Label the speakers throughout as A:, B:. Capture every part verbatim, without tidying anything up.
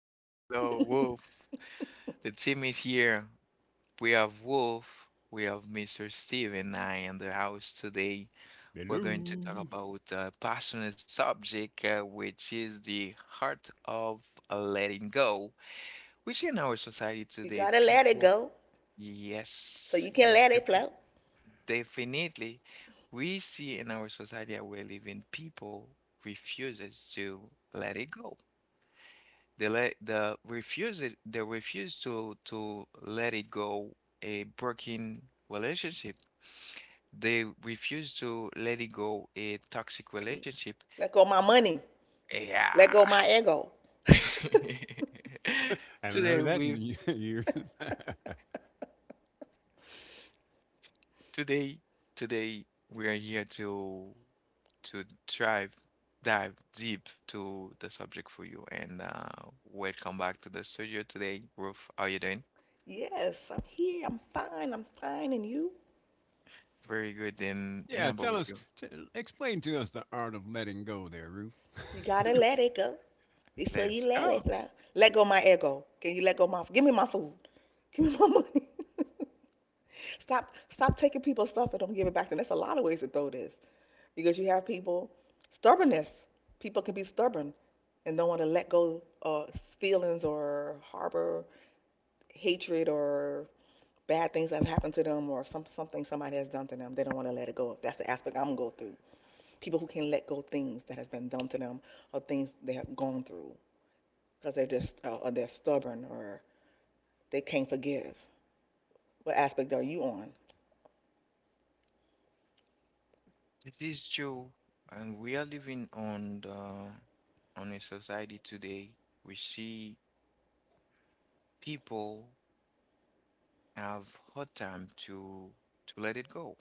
A: Hello, hello, Wolf. The team is here. We have Wolf, we have mister Steve, and I in the house today. We're going to talk
B: Hello.
A: about a passionate subject, uh, which is the heart of letting go. We see in our society
C: You
A: today,
C: gotta let it
A: people,
C: go so
A: yes,
C: you can
A: yes,
C: let it
A: defi-
C: flow.
A: definitely. We see in our society that we live in, people refuses to let it go. They let the refuse it, they refuse to to let it go a broken relationship. They refuse to let it go a toxic relationship.
C: Let go of my money. Let go of
A: Yeah.
C: my ego.
B: Haven't
A: Today
B: heard that in
A: we
B: years.
A: today today we are here to to drive dive deep to the subject for you and uh welcome back to the studio today, Ruth. How you doing?
C: Yes, I'm here. I'm fine. I'm fine. And you?
A: Very good and and
B: Yeah,
A: how
B: tell
A: about
B: us,
A: you?
B: t- explain to us the art of letting go there, Ruth.
C: You gotta let it go before you
A: Let's
C: let it
A: go.
C: flow. Let go of my ego. Can you let go of my? Give me my food. Give me my money. Stop. Stop taking people's stuff and don't give it back to them. There's a lot of ways to throw this. Because you have people stubbornness. People can be stubborn and don't want to let go of feelings or harbor hatred or bad things that have happened to them or some something somebody has done to them. They don't want to let it go. That's the aspect I'm gonna go through. People who can let go things that has been done to them or things they have gone through because they're just uh, or they're stubborn or they can't forgive. What aspect are you on?
A: This is Joe, and we are living on the on a society today we see people have hard time to to let it go.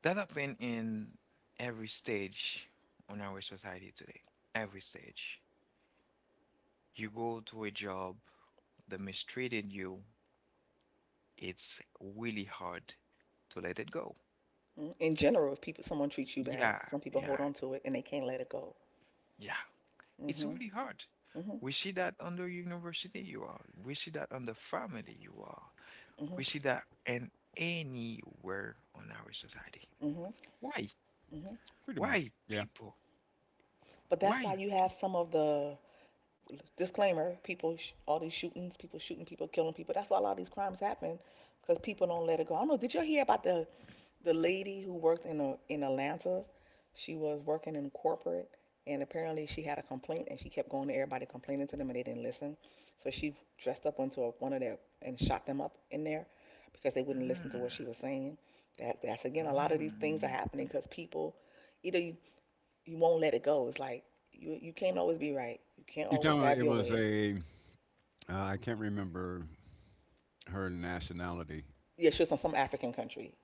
A: That happen in every stage on our society today. Every stage. You go to a job they mistreated you, it's really hard to let it go.
C: Mm, In general, if people someone treats you bad,
A: Yeah,
C: some people hold
A: yeah,
C: on to it and they can't let it go.
A: yeah.
C: Mm,
A: It's
C: mhm. Mm,
A: really hard.
C: mhm. Mm,
A: We see that on the university you are. We see that on the family you are. We
C: mhm.
A: see that in anywhere on our society.
C: Mm, mhm.
A: Why?
C: Mhm.
B: Pretty
A: Why
B: much. Yeah.
A: people?
C: But that's
A: Why?
C: why you have some of the disclaimer: people, sh- all these shootings, people shooting people, killing people. That's why a lot of these crimes happen because people don't let it go. I don't know. Did you hear about the the lady who worked in a, in Atlanta? She was working in corporate, and apparently she had a complaint, and she kept going to everybody complaining to them, and they didn't listen. So she dressed up into a, one of their and shot them up in there because they wouldn't listen to what
A: Mm,
C: she was saying. That that's again a lot of these things are
A: mm,
C: happening because people either you you won't let it go. It's like you you can't always be right. You can't
B: You
C: always
B: tell me
C: have
B: it
C: your
B: was
C: way.
B: a, uh, I can't remember her nationality.
C: Yeah, she was from some African country.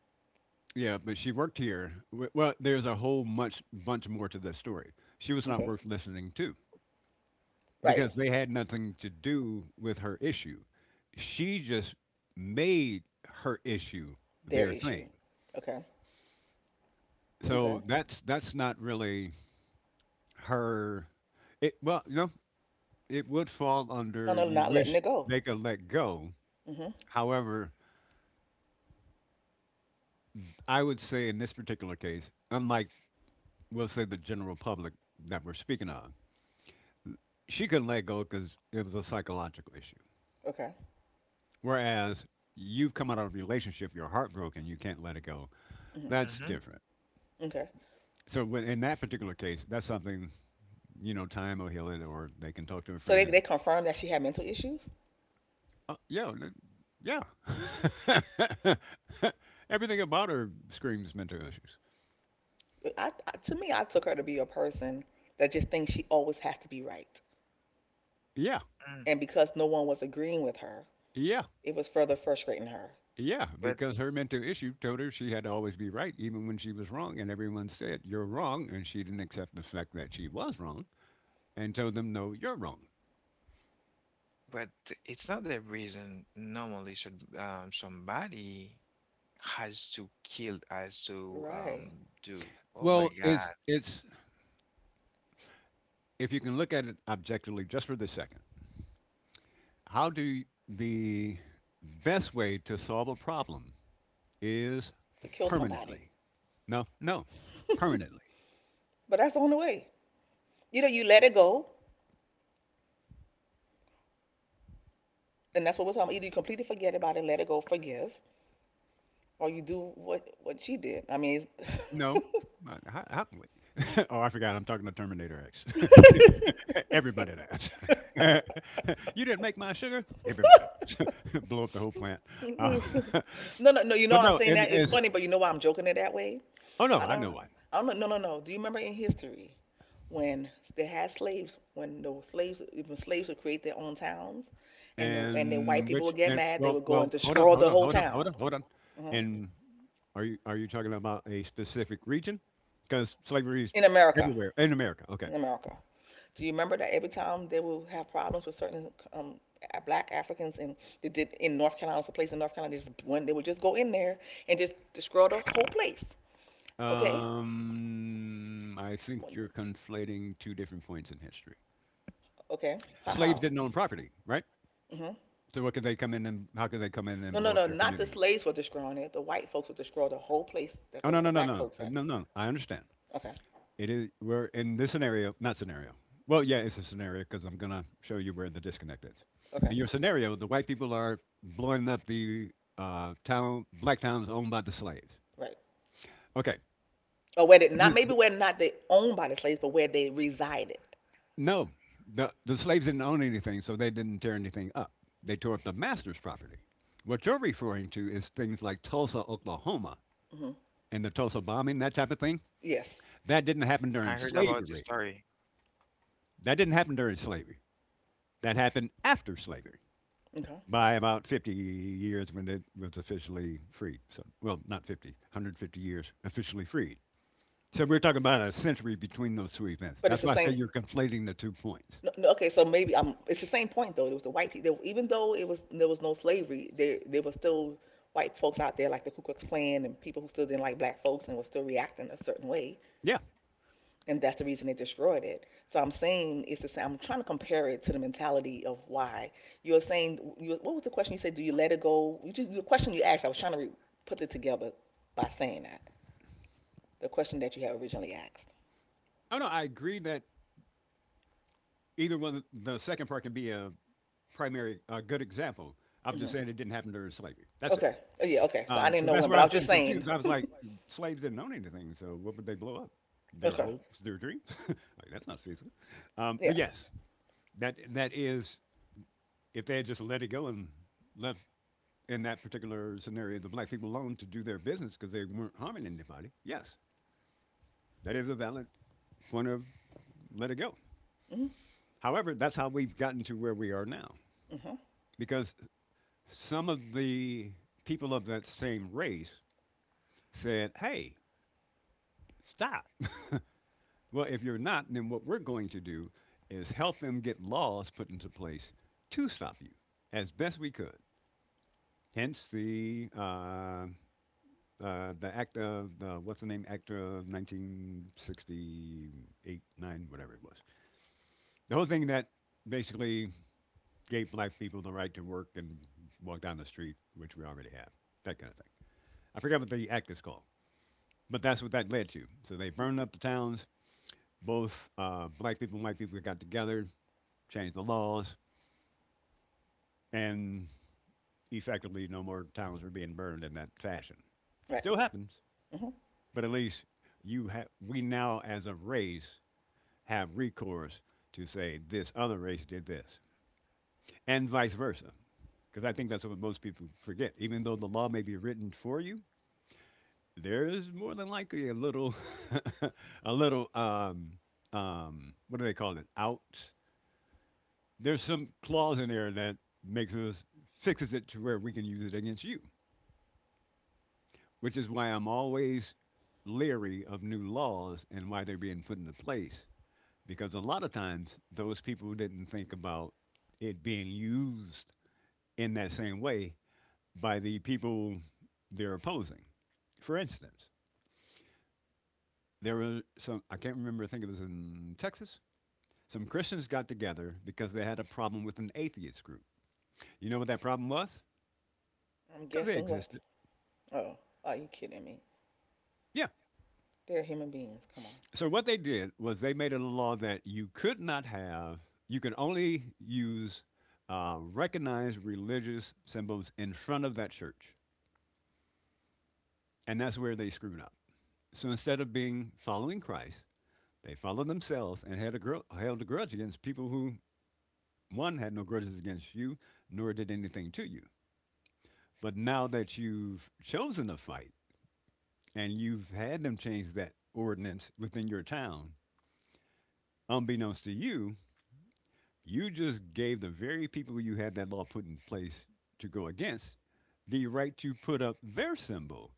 B: Yeah, but she worked here. W- Well, there's a whole much bunch more to the story. She was not
C: Okay.
B: worth listening to
C: Right.
B: because they had nothing to do with her issue. She just made her issue
C: Their
B: their
C: issue.
B: thing.
C: Okay. Okay.
B: So that's that's not really her. It well, no, it would fall
C: On
B: under
C: no,
B: you
C: not letting
B: wish
C: it go.
B: they could let go.
C: Mhm.
B: However, I would say in this particular case, unlike, we'll say, the general public that we're speaking of, she couldn't let go because it was a psychological issue.
C: Okay.
B: Whereas you've come out of a relationship, you're heartbroken, you can't let it go,
C: Mhm.
B: that's
A: mhm,
B: different.
C: Okay.
B: So when, in that particular case, that's something, you know, time will heal it or they can talk to a
C: So
B: friend
C: they they
B: and
C: confirmed that she had mental issues.
B: Uh, yeah, th- yeah. Everything about her screams mental issues.
C: I, I to me, I took her to be a person that just thinks she always has to be right.
B: Yeah,
C: And
A: mm.
C: because no one was agreeing with her,
B: yeah,
C: it was further frustrating her.
B: yeah.
A: But
B: Because her mental issue told her she had to always be right, even when she was wrong, and everyone said you're wrong, and she didn't accept the fact that she was wrong, and told them no, you're wrong.
A: but it's not the reason normally should um somebody has to kill has to
C: Right.
A: um do. Oh
B: Well,
A: my
B: it's
A: God.
B: it's if you can look at it objectively just for the second, how do you- the best way to solve a problem is
C: To kill somebody.
B: permanently. No, no, permanently.
C: But that's the only way. You know, you let it go. And that's what we're talking about. Either you completely forget about it, let it go, forgive, or you do what what she did. I mean, it's-
B: No. Uh, how how can we Oh, I forgot I'm talking to Terminator X. Everybody does. "You didn't make my sugar?" Everybody does. Blow up the whole plant. Um,
C: no, no, no. You
B: but
C: know I'm
B: no,
C: saying
B: and
C: that it's
B: it's
C: funny, but you know why I'm joking it that way.
B: Oh, no,
C: I
B: I
C: don't,
B: know one.
C: I don't. No, no, no. Do you remember in history when they had slaves? When those slaves, even slaves would create their own towns, and the and the white
B: And
C: people
B: which
C: would get
B: and
C: mad, they
B: well
C: would go and
B: well, hold on,
C: destroy
B: hold
C: the
B: on,
C: whole
B: hold on, hold
C: town.
B: on, hold on.
C: Mhm.
B: And are you are you talking about a specific region? Because slavery is
C: In America,
B: everywhere in America, okay.
C: in America. Do you remember that every time they will have problems with certain um, black Africans in they did in North Carolina, it's a place in North Carolina, just one they would just go in there and just destroy the whole place. Okay,
B: Um, I think you're conflating two different points in history.
C: okay, how
B: Slaves
C: how?
B: didn't own property, right?
C: Hmm.
B: So what could they come in and how could they come in and
C: No,
B: blow
C: no,
B: up
C: no,
B: their
C: not the
B: community?
C: slaves were destroying it. The white folks would destroy the whole place that
B: Oh,
C: the
B: no, no, no, no,
C: black
B: no.
C: folks
B: Uh,
C: had.
B: no, no! I understand.
C: Okay,
B: It is we're in this scenario, not scenario. Well, yeah, it's a scenario because I'm gonna show you where the disconnect is.
C: okay,
B: In your scenario, the white people are blowing up the uh, town, black towns owned by the slaves.
C: right.
B: Okay.
C: Or where they not
B: This-
C: maybe
B: th-
C: where not they owned by the slaves, but where they resided.
B: no, the the slaves didn't own anything, so they didn't tear anything up. They tore up the master's property. What you're referring to is things like Tulsa, Oklahoma,
C: Hmm.
B: and the Tulsa bombing, that type of thing,
C: Yes.
B: that didn't happen
A: I
B: during
A: heard about this
B: slavery.
A: story.
B: That didn't happen during slavery. That happened after slavery
C: Okay.
B: by about fifty years when it was officially freed. So, well, not fifty, one hundred fifty years officially freed. So we're talking about a century between those two events.
C: But it's
B: That's
C: the
B: why I say
C: same.
B: you're conflating the two points.
C: No, no, okay, so maybe I It's the same point though. It was the white people. Even though it was there was no slavery, there there was still white folks out there like the Ku Klux Klan and people who still didn't like black folks and were still reacting a certain way,
B: Yeah.
C: and that's the reason they destroyed it. So I'm saying it's the same. I'm trying to compare it to the mentality of why you're saying. You, what was the question you said? Do you let it go? You just the question you asked. I was trying to re- put it together by saying that the question that you had originally asked.
B: Oh no, I agree that either one, the second part can be a primary, a good example. I'm
C: Hmm.
B: just saying it didn't happen during slavery. That's it.
C: Okay. Oh, yeah. Okay. So I
B: Um,
C: didn't
B: because
C: know
B: that's
C: when,
B: where
C: but
B: I
C: I
B: was
C: was just
B: getting
C: saying.
B: confused. I was like, slaves didn't own anything, so what would they blow up? Their
C: Okay.
B: hopes, their dreams. Like, that's not feasible. Um,
C: Yeah.
B: but yes, that that is, if they had just let it go and left, in that particular scenario, the black people alone to do their business because they weren't harming anybody. Yes, that is a valid point of let it go.
C: Mm. Hmm.
B: However, that's how we've gotten to where we are now,
C: Hmm.
B: because some of the people of that same race said, "Hey, stop." Well, if you're not, then what we're going to do is help them get laws put into place to stop you as best we could. Hence the uh, uh, the act of the, what's the name, act of nineteen sixty-eight, nine, whatever it was. The whole thing that basically gave black people the right to work and walk down the street, which we already have, that kind of thing. I forgot what the act is called, but that's what that led to. So they
C: Hmm.
B: burned up the towns. Both uh, black people and white people got together, changed the laws, and effectively no more towns were being burned in that fashion.
C: Right.
B: Still happens,
C: Mm. Hmm.
B: but at least you have, we now as a race have recourse to say this other race did this and vice versa, because I think that's what most people forget. Even though the law may be written for you, there is more than likely a little a little um um what do they call it out, there's some clause in there that makes us fixes it to where we can use it against you, which is why I'm always leery of new laws and why they're being put into place. Because a lot of times, those people didn't think about it being used in that same way by the people they're opposing. For instance, there were some, I can't remember, I think it was in Texas, some Christians got together because they had a problem with an atheist group. You know what that problem was?
C: I'm
B: Because they
C: guessing what?
B: existed.
C: Oh, are you kidding me?
B: Yeah.
C: They're human beings. Come on.
B: So what they did was they made it a law that you could not have, you can only use uh, recognized religious symbols in front of that church, and that's where they screwed up. So instead of being following Christ, they followed themselves and had a gr- held a grudge against people who one had no grudges against you, nor did anything to you. But now that you've chosen to fight and you've had them change that ordinance within your town, unbeknownst to you, you just gave the very people you had that law put in place to go against the right to put up their symbol,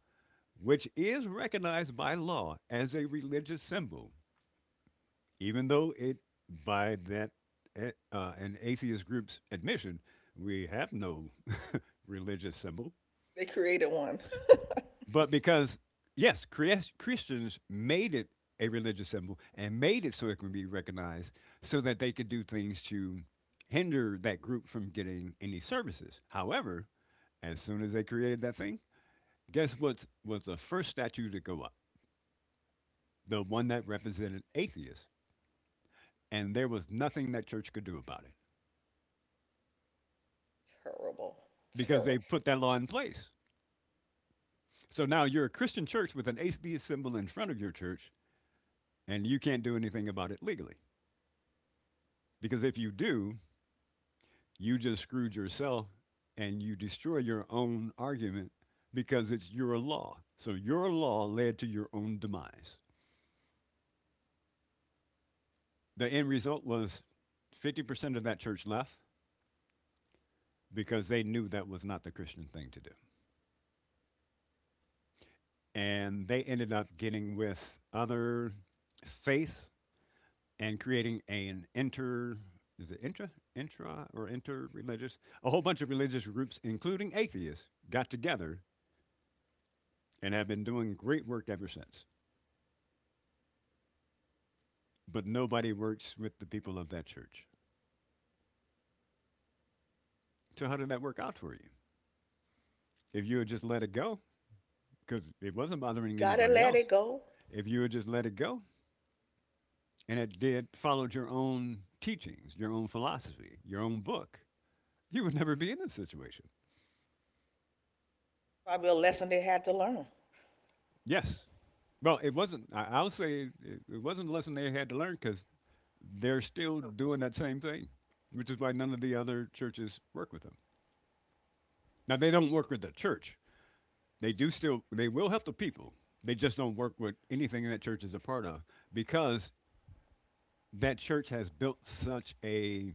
B: which is recognized by law as a religious symbol, even though it, by that eh, uh, an atheist group's admission, we have no religious symbol.
C: They created one.
B: But because, yes, Christians made it a religious symbol and made it so it can be recognized, so that they could do things to hinder that group from getting any services. However, as soon as they created that thing, guess what was the first statue to go up? The one that represented atheists. And there was nothing that church could do about it
C: Terrible.
B: because they
C: Terrible.
B: put that law in place. So now you're a Christian church with an atheist symbol in front of your church, and you can't do anything about it legally. Because if you do, you just screwed yourself and you destroy your own argument because it's your law. So your law led to your own demise. The end result was fifty percent of that church left because they knew that was not the Christian thing to do. And they ended up getting with other faiths and creating an inter, is it intra, intra or inter-religious? A whole bunch of religious groups including atheists got together and have been doing great work ever since, but nobody works with the people of that church. So how did that work out for you? If you had just let it go, because it wasn't bothering
C: Gotta
B: anybody
C: let it
B: else,
C: go.
B: if you had just let it go and it did followed your own teachings, your own philosophy, your own book, you would never be in this situation.
C: Probably a lesson they had to learn.
B: Yes. Well, it wasn't. I, I'll say it, it wasn't a lesson they had to learn because they're still doing that same thing, which is why none of the other churches work with them. Now they don't work with the church. They do still, they will help the people. They just don't work with anything that church is a part of, because that church has built such a.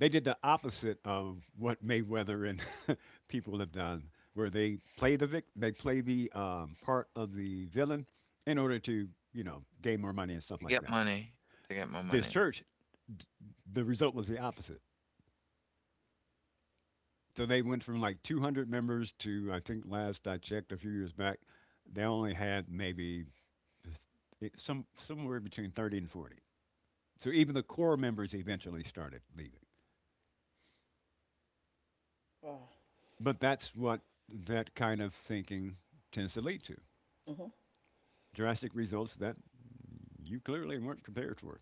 B: They did the opposite of what Mayweather and people have done, where they play the vic, they play the um, part of the villain in order to, you know, gain more money and stuff
A: To
B: like that.
A: get money. To get more
B: This
A: money.
B: church, d- the result was the opposite. So they went from like two hundred members to, I think last I checked a few years back, they only had maybe it- some somewhere between thirty and forty. So even the core members eventually started leaving.
C: Wow.
B: But that's what that kind of thinking tends to lead to,
C: Hmm.
B: drastic results that you clearly weren't prepared for.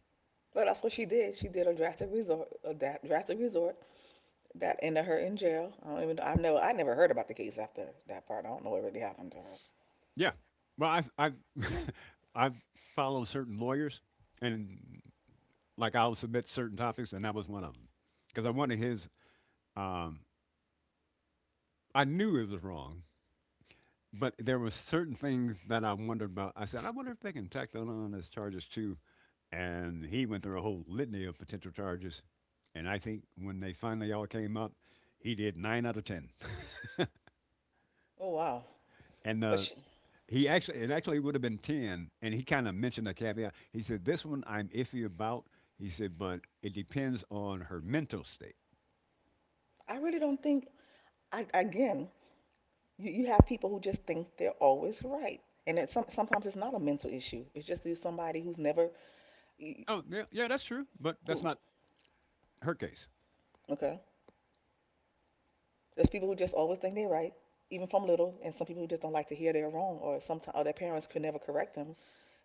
C: But that's what she did. She did a drastic resort, a drastic resort that ended her in jail. I don't even know. I've never. I never heard about the case after that part. I don't know what really happened to her.
B: Yeah. Well, I've I've I've followed certain lawyers, and like I'll submit certain topics, and that was one of them because I wanted his. Um, I knew it was wrong, but there were certain things that I wondered about. I said, I wonder if they can tack that on as charges too, and he went through a whole litany of potential charges. And I think when they finally all came up, he did nine out of ten.
C: Oh wow.
B: And
C: But
B: uh,
C: she,
B: he actually, it actually would have been ten. And he kind of mentioned a caveat. He said, "This one I'm iffy about." He said, "But it depends on her mental state."
C: I really don't think. I again. You, you have people who just think they're always right, and it's some, sometimes it's not a mental issue. It's just through somebody who's never
B: Oh, yeah, yeah, that's true, but that's
C: who.
B: not her case.
C: Okay, there's people who just always think they're right, even from little, and some people who just don't like to hear they're wrong, or sometimes or their parents could never correct them,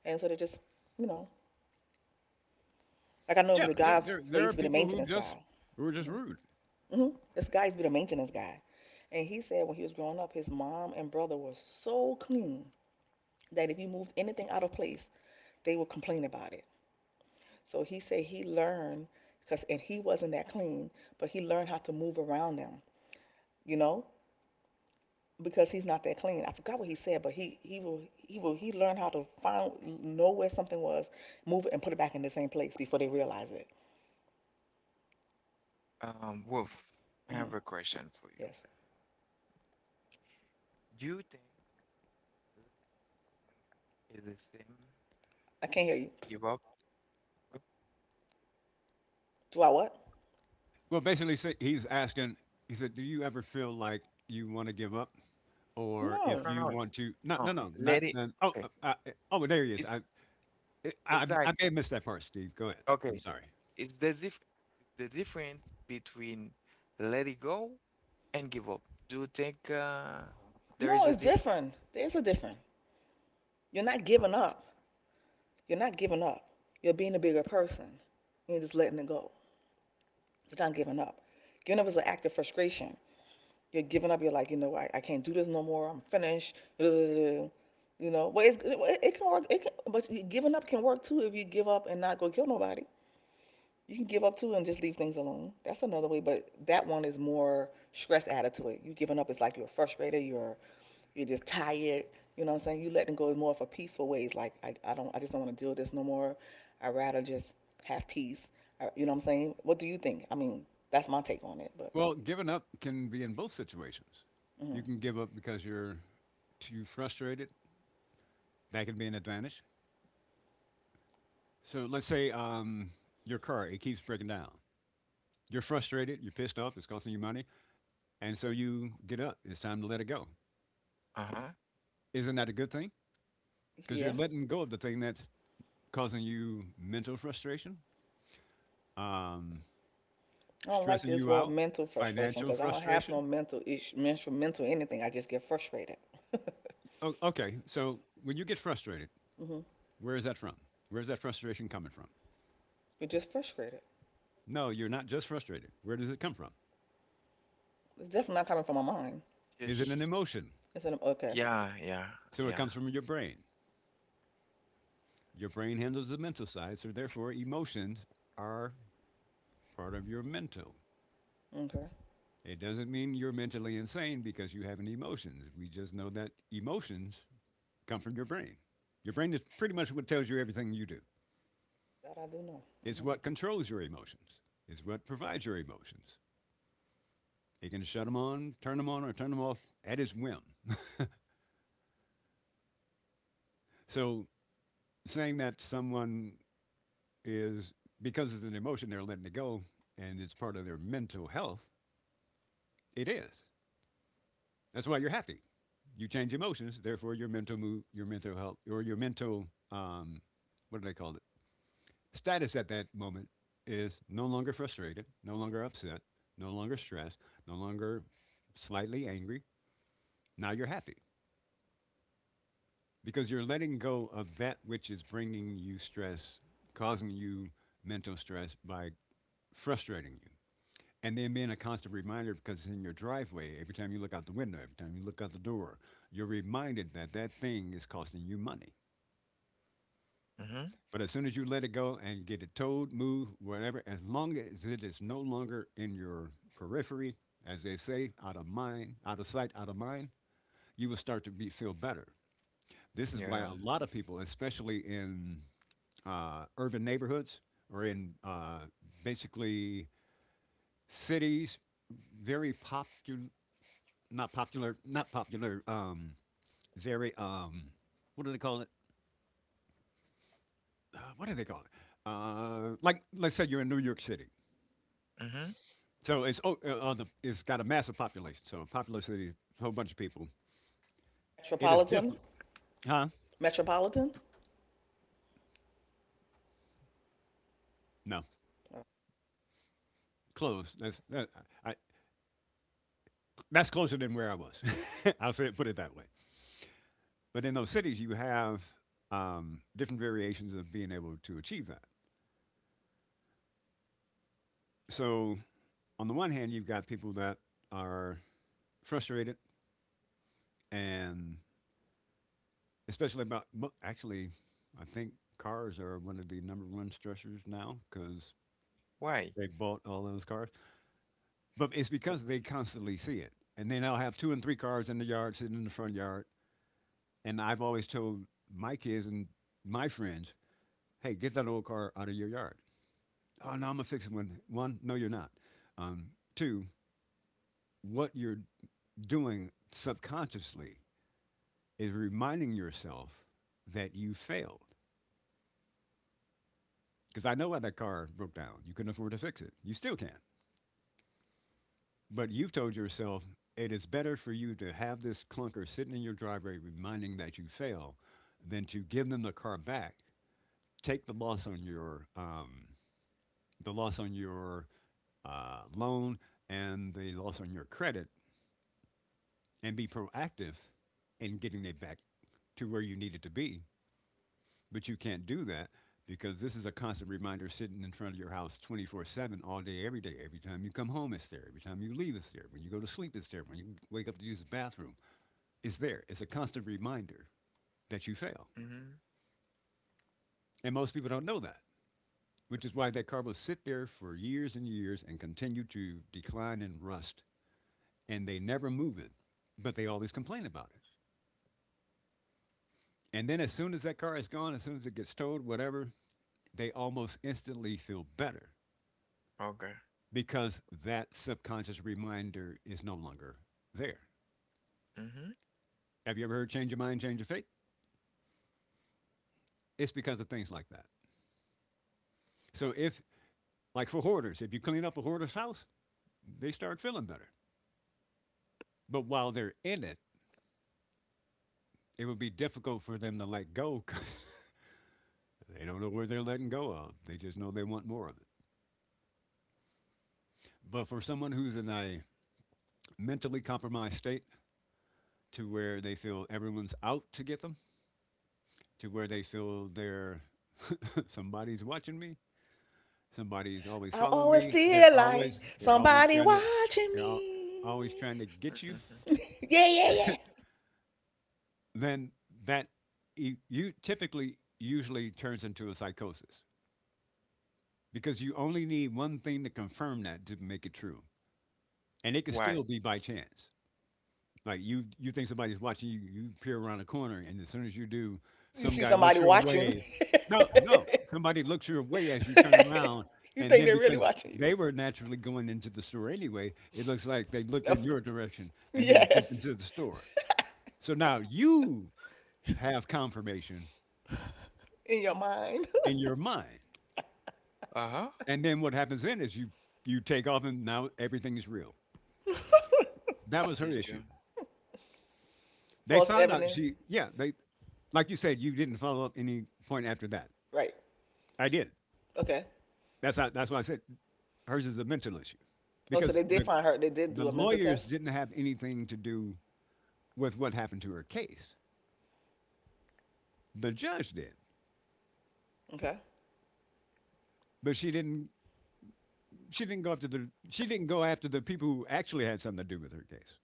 C: and so they just, you know, like I know
B: Yeah,
C: the
B: there,
C: guy
B: there,
C: that
B: there
C: used
B: are
C: to be the
B: people who
C: maintenance
B: just
C: guy.
B: who are just
C: Hmm.
B: rude.
C: Hmm. This guy used to be the maintenance guy, and he said when he was growing up, his mom and brother were so clean that if you moved anything out of place, they would complain about it. So he said he learned because, and he wasn't that clean, but he learned how to move around them, you know, because he's not that clean. I forgot what he said, but he he will he will he learned how to find know where something was, move it, and put it back in the same place before they realize it.
A: Um, Wolf, I have
C: Hmm.
A: a question for you.
C: Yes,
A: Do you think let is the same
C: I can't hear you.
A: give up? No,
C: Do I what?
B: Well, basically, say- he's asking. He said, "Do you ever feel like you want to give up?" Or if
C: No,
A: no, no,
B: you
A: no.
B: want to no no
A: No.
B: no not,
A: Let it.
B: not oh
A: Okay,
B: uh, uh, uh, oh, there he is.
A: it's
B: I, I,
A: it's
B: I
A: like
B: may have missed that part. Steve, go ahead. I'm
A: okay,
B: sorry.
A: it's the dif the difference between let it go and give up. Do you think uh there
C: no,
A: is
C: it's
A: a difference?
C: different. There's a different. You're not giving
A: Uh-huh.
C: up. You're not giving up. You're being a bigger person. You're just letting it go. You're not giving up. Giving up is an act of frustration. You're giving up. You're like, you know, I, I can't do this no more. I'm finished. You know, but it's, it, it can work. It can, but giving up can work too if you give up and not go kill nobody. You can give up too and just leave things alone. That's another way. But that one is more stress added to it. You giving up is like you're frustrated. You're you're just tired. You know what I'm saying? You letting go is more of a peaceful ways. Like I, I don't I just don't want to deal with this no more. I'd rather just have peace. Uh, You know what I'm saying? What do you think? I mean, that's my take on it. But
B: Well, giving up can be in both situations.
C: mm,
B: You can give up because you're too frustrated. That can be an advantage. So let's say um your car, it keeps breaking down. You're frustrated, you're pissed off, it's costing you money, and so you get up, it's time to let it go.
A: Uh-huh.
B: Isn't that a good thing? Because you're
C: yeah.
B: letting go of the thing that's causing you mental frustration. um
C: I don't like
B: Stressing
C: this
B: you
C: word
B: out?
C: mental frustration
B: Financial
C: because I don't have no
B: frustration?
C: mental issue, mental, mental anything. I just get frustrated.
B: Oh, okay, so when you get frustrated,
C: Mm-hmm.
B: where is that from? Where's that frustration coming from?
C: You're just frustrated.
B: No, you're not just frustrated. Where does it come from?
C: It's definitely not coming from my mind.
B: Is it an
A: Just
B: emotion?
C: It's an Okay,
A: yeah, yeah,
B: So it
A: yeah.
B: comes from your brain. Your brain handles the mental side, so therefore emotions are part of your mental.
C: okay.
B: It doesn't mean you're mentally insane because you have an emotions. We just know that emotions come from your brain. Your brain is pretty much what tells you everything you do.
C: That I do know.
B: It's
C: Hmm.
B: what controls your emotions. It's what provides your emotions. He can shut them on, turn them on, or turn them off at his whim. So saying that someone is, because it's an emotion, they're letting it go and it's part of their mental health, it is. That's why you're happy. You change emotions, therefore your mental mood, your mental health, or your mental, um, what do they call it? Status at that moment is no longer frustrated, no longer upset, no longer stressed, no longer slightly angry. Now you're happy, because you're letting go of that which is bringing you stress, causing you mental stress by frustrating you. And then being a constant reminder because it's in your driveway, every time you look out the window, every time you look out the door, you're reminded that that thing is costing you money.
A: Mm-hmm.
B: But as soon as you let it go and get it towed, moved, whatever, as long as it is no longer in your periphery, as they say, out of mind, out of sight, out of mind, you will start to be, feel better. This is why a
A: Yeah.
B: lot of people, especially in uh, urban neighborhoods or in uh, basically cities, very popular, not popular, not popular, um, very, um, what do they call it? Uh, what do they call it? Uh, like, let's say you're in New York City.
A: Mm-hmm.
B: So it's o- uh, on the, it's got a massive population. So a popular city, a whole bunch of people. It is
C: Metropolitan,
B: different, huh?
C: metropolitan.
B: No,
C: Oh.
B: close. That's that, I, that's closer than where I was. I'll say it, put it that way. But in those cities, you have um, different variations of being able to achieve that. So, on the one hand, you've got people that are frustrated, and especially about actually, I think cars are one of the number one stressors now because
A: Why?
B: they bought all those cars. But it's because they constantly see it, and they now have two and three cars in the yard, sitting in the front yard. And I've always told my kids and my friends, "Hey, get that old car out of your yard." Oh, no, I'm a fix it. One. One, no, you're not. Um, Two, what you're doing subconsciously is reminding yourself that you failed. Because I know why that car broke down. You couldn't afford to fix it. You still can. But you've told yourself it is better for you to have this clunker sitting in your driveway reminding that you fail than to give them the car back, take the loss on your um, the loss on your uh, loan and the loss on your credit and be proactive in getting it back to where you need it to be. But you can't do that because this is a constant reminder sitting in front of your house twenty-four seven all day, every day. Every time you come home, it's there. Every time you leave, it's there. When you go to sleep, it's there. When you wake up to use the bathroom, it's there. It's a constant reminder that you fail.
A: Mm-hmm.
B: And most people don't know that, which is why that car will sit there for years and years and continue to decline and rust. And they never move it, but they always complain about it. And then as soon as that car is gone, as soon as it gets towed, whatever, they almost instantly feel better
A: Okay.
B: because that subconscious reminder is no longer there.
A: Mm-hmm.
B: Have you ever heard change your mind, change your fate? It's because of things like that. So if like for hoarders, if you clean up a hoarder's house, they start feeling better. But while they're in it, it would be difficult for them to let go because they don't know where they're letting go of. They just know they want more of it. But for someone who's in a mentally compromised state to where they feel everyone's out to get them, to where they feel they're somebody's watching me, somebody's always
C: I
B: following
C: always
B: me. They're
C: feel like
B: always they're always
C: somebody
B: trying to
C: watching
B: they're al always
C: me.
B: trying to get you.
A: Mm-hmm. Mm-hmm.
C: Yeah, yeah, yeah.
B: Then that e- you typically usually turns into a psychosis because you only need one thing to confirm that to make it true, and it could
A: Why?
B: still be by chance. Like you, you think somebody's watching you. You peer around the corner, and as soon as you do,
C: You
B: some
C: see
B: guy looks
C: somebody
B: your
C: watching.
B: way. No, no, somebody looks your way as you turn around,
C: You
B: and
C: think
B: then
C: they're really
B: because
C: watching you?
B: they were naturally going into the store anyway, it looks like they looked in
C: Yep.
B: your direction and then
C: Yes,
B: dipped into the store. So now you have confirmation
C: in your mind.
B: in your mind,
A: Uh-huh.
B: and then what happens then is you you take off, and now everything is real. That was
A: This
B: her
A: is
B: issue.
A: true.
B: They
C: False
B: found out
C: evidence.
B: she, yeah, they like you said, you didn't follow up any point after that.
C: Right.
B: I did.
C: Okay.
B: That's how, that's why I said hers is a mental issue,
C: Oh, so
B: because
C: they did
B: the
C: find her. They did
B: the
C: do a mental
B: lawyers
C: test.
B: didn't have anything to do with what happened to her case. The judge did,
C: Okay.
B: but she didn't. She didn't go after the. She didn't go after the people who actually had something to do with her case.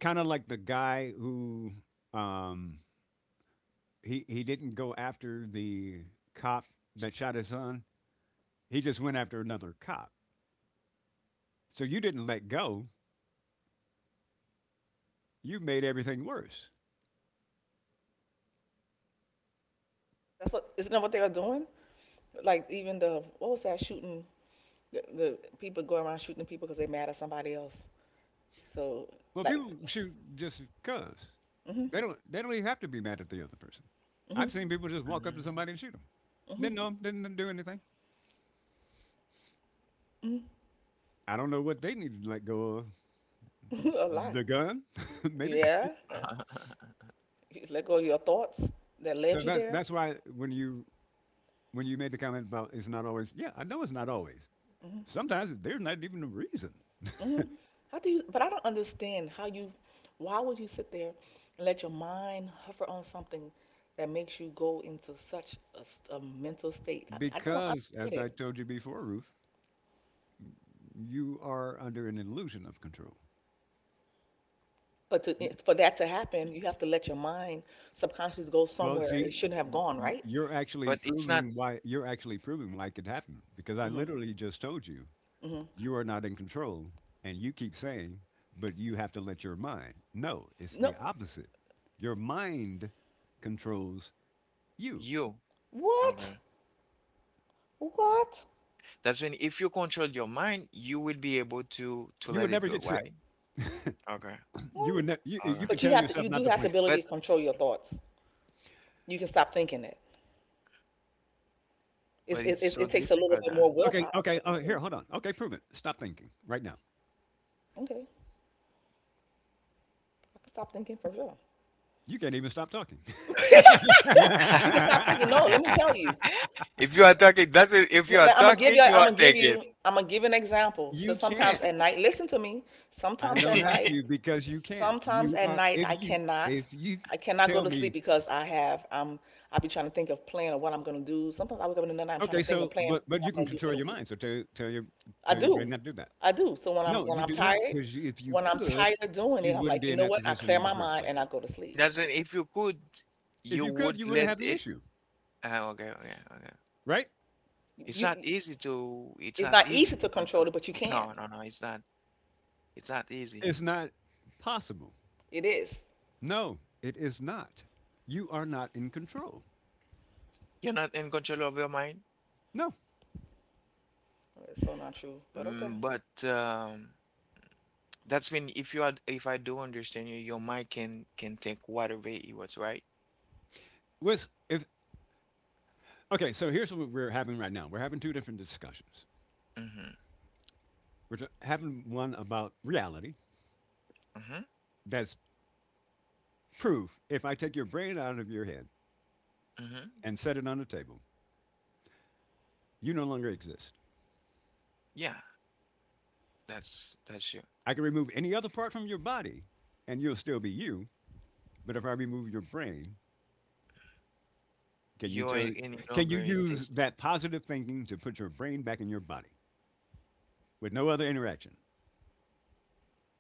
B: Kind of like the guy who um, he he didn't go after the cop that shot his son. He just went after another cop. So you didn't let go. You made everything worse.
C: That's what isn't that what they were doing? Like even the what was that shooting? The, the people going around shooting people because they mad at somebody else. So
B: Well,
C: like,
B: people shoot just because
C: mhm,
B: they don't. They don't even have to be mad at the other person.
C: mhm,
B: I've seen people just walk up to
A: Mhm.
B: somebody and shoot them.
C: mhm,
B: Didn't know them. Didn't do anything.
C: mhm,
B: I don't know what they need to let go of.
C: a lot.
B: The gun, maybe.
C: Yeah. Yeah. You let go of your thoughts that
B: So
C: led you
B: that's
C: there.
B: that's why when you when you made the comment about it's not always. Yeah, I know it's not always.
C: Mhm.
B: Sometimes there's not even a reason
C: Hmm. How do you? But I don't understand how you. Why would you sit there and let your mind hover on something that makes you go into such a, s- a mental state? I, I don't. I
B: because,
C: don't
B: as
C: get
B: I
C: it.
B: told you before, Ruth, you are under an illusion of control.
C: But to,
B: You,
C: it- for that to happen, you have to let your mind subconsciously go
B: well,
C: somewhere it
B: see,
C: shouldn't have
B: y-
C: gone,
B: y-
C: right?
B: you're
A: But
B: actually
A: it's not
B: proving why you're actually proving why it could happen because I
C: Hmm.
B: literally just told you
C: Hmm.
B: you are not in control, and you keep saying, but you have to let your mind. No, it's
C: No.
B: the opposite. Your mind controls you.
A: You. Okay.
C: What? What?
A: That's when if you control your mind, you will be able to to
B: You
A: let
B: would
A: it
B: never
A: go,
B: get sick.
A: right? Okay.
B: You
C: Huh?
B: would ne- you
A: Okay.
B: you could
C: But you
B: tell
C: have to.
B: yourself
C: You do
B: not to
C: have the
B: blink.
C: ability
A: But
C: to control your thoughts. You can stop thinking it. It's,
A: but
C: it,
A: it's
C: it,
A: so
C: it takes a little
A: difficult
C: bit
A: now.
C: more
B: Okay,
C: willpower,
B: okay.
C: but you
B: Uh,
C: do.
B: here, hold on. Okay, prove it. Stop thinking right now.
C: Okay. I can stop thinking for sure.
B: You can't even stop talking.
C: You can stop thinking. No, let me tell you.
A: If you are talking, that's when if you are
C: Now I'm gonna give
A: talking,
C: you.
A: you
C: I'm
A: are
C: gonna give
A: taking.
C: you. I'm gonna give an example. So
B: You
C: sometimes
B: can't.
C: at night, listen to me.
B: I
C: Sometimes at
B: don't have
C: night,
B: to because you can't.
C: sometimes
B: You
C: at
B: are
C: night
B: if
C: I
B: you
C: cannot.
B: if you
C: I cannot go
B: tell
C: to sleep
B: me
C: because I have. Um, I be trying to think of plan of what I'm gonna do. Sometimes I wake up in the night. I'm trying
B: okay,
C: to think of
B: so
C: plan
B: but but
C: what
B: you
C: I'm
B: can
C: gonna do for
B: control
C: the
B: your
C: week.
B: mind. So tell tell your
C: I
B: tell your brain
C: do.
B: not to do that.
C: I do. So when I'm
B: No,
C: when
B: you
C: I'm
B: do not
C: tired,
B: because if you
C: when I'm
B: could,
C: tired of doing it,
B: you
C: I'm like,
B: wouldn't
C: you
B: be in
C: know
B: that
C: what? I
B: position
C: clear
B: in the
C: my
B: first
C: mind and I
B: place.
C: go to sleep.
A: That's when if you could,
B: If
A: you
B: you could,
A: would
B: you wouldn't
A: let
B: have the
A: it.
B: issue,
A: Uh, okay, okay, okay.
B: right?
A: It's not
C: You,
A: easy to. It's
C: it's
A: not
C: not easy
A: easy to
C: to
A: control.
C: control it, but you can.
A: No, no, no. It's not. It's not easy.
B: It's not possible.
C: It is.
B: No, it is not. You are not in control.
A: You're not in control of your mind.
B: No.
C: It's so not true, but okay.
A: Mm, but um, that's when if you are if I do understand you, your mind can can take whatever it was, right?
B: With if okay, so here's what we're having right now. We're having two different discussions.
A: Mm-hmm.
B: We're t- having one about reality
A: Mm-hmm.
B: that's proof. If I take your brain out of your head
A: Mm-hmm.
B: and set it on the table, you no longer exist.
A: Yeah, that's that's you.
B: I can remove any other part from your body and you'll still be you, but if I remove your brain, can you
A: You
B: tell
A: ain't any
B: can you
A: longer
B: use
A: exist.
B: that positive thinking to put your brain back in your body with no other interaction?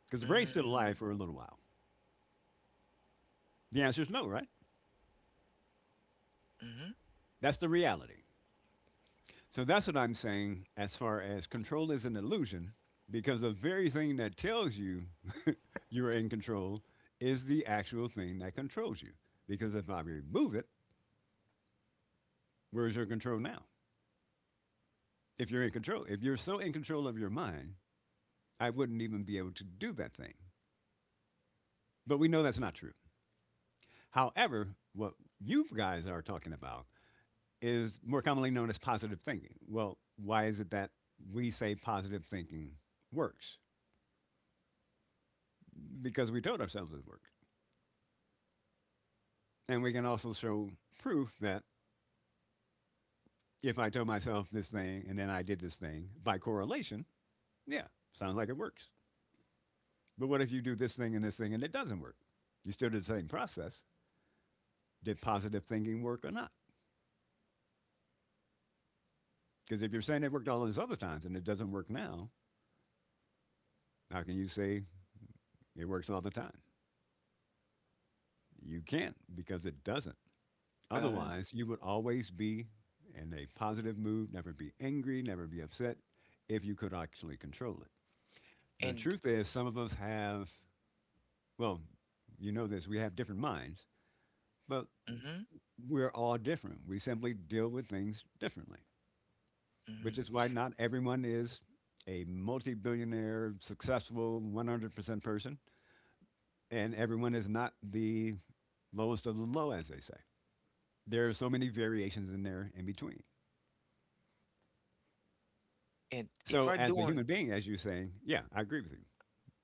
B: Because the brain's still alive
A: Mm-hmm.
B: for a little while. The answer is no, right?
A: Mm-hmm.
B: That's the reality. So that's what I'm saying: as far as control is an illusion, because the very thing that tells you you're in control is the actual thing that controls you. Because if I remove it, where's your control now? If you're in control, if you're so in control of your mind, I wouldn't even be able to do that thing. But we know that's not true. However, what you guys are talking about is more commonly known as positive thinking. Well, why is it that we say positive thinking works? Because we told ourselves it worked. And we can also show proof that if I told myself this thing and then I did this thing, by correlation, yeah, sounds like it works. But what if you do this thing and this thing and it doesn't work? You still did the same process. Did positive thinking work or not? Because if you're saying it worked all those other times and it doesn't work now, how can you say it works all the time? You can't, because it doesn't.
A: And
B: Otherwise, you would always be in a positive mood, never be angry, never be upset if you could actually control it. The
A: and
B: truth is, some of us have, well, you know this, we have different minds, but
A: mm-hmm.
B: we're all different. We simply deal with things differently, which
A: Mm-hmm.
B: is why not everyone is a multi billionaire, successful, one hundred percent person, and everyone is not the lowest of the low, as they say. There are so many variations in there in between.
A: And if
B: So,
A: I
B: as
A: do
B: a
A: un
B: human being, as you're saying, yeah, I agree with you.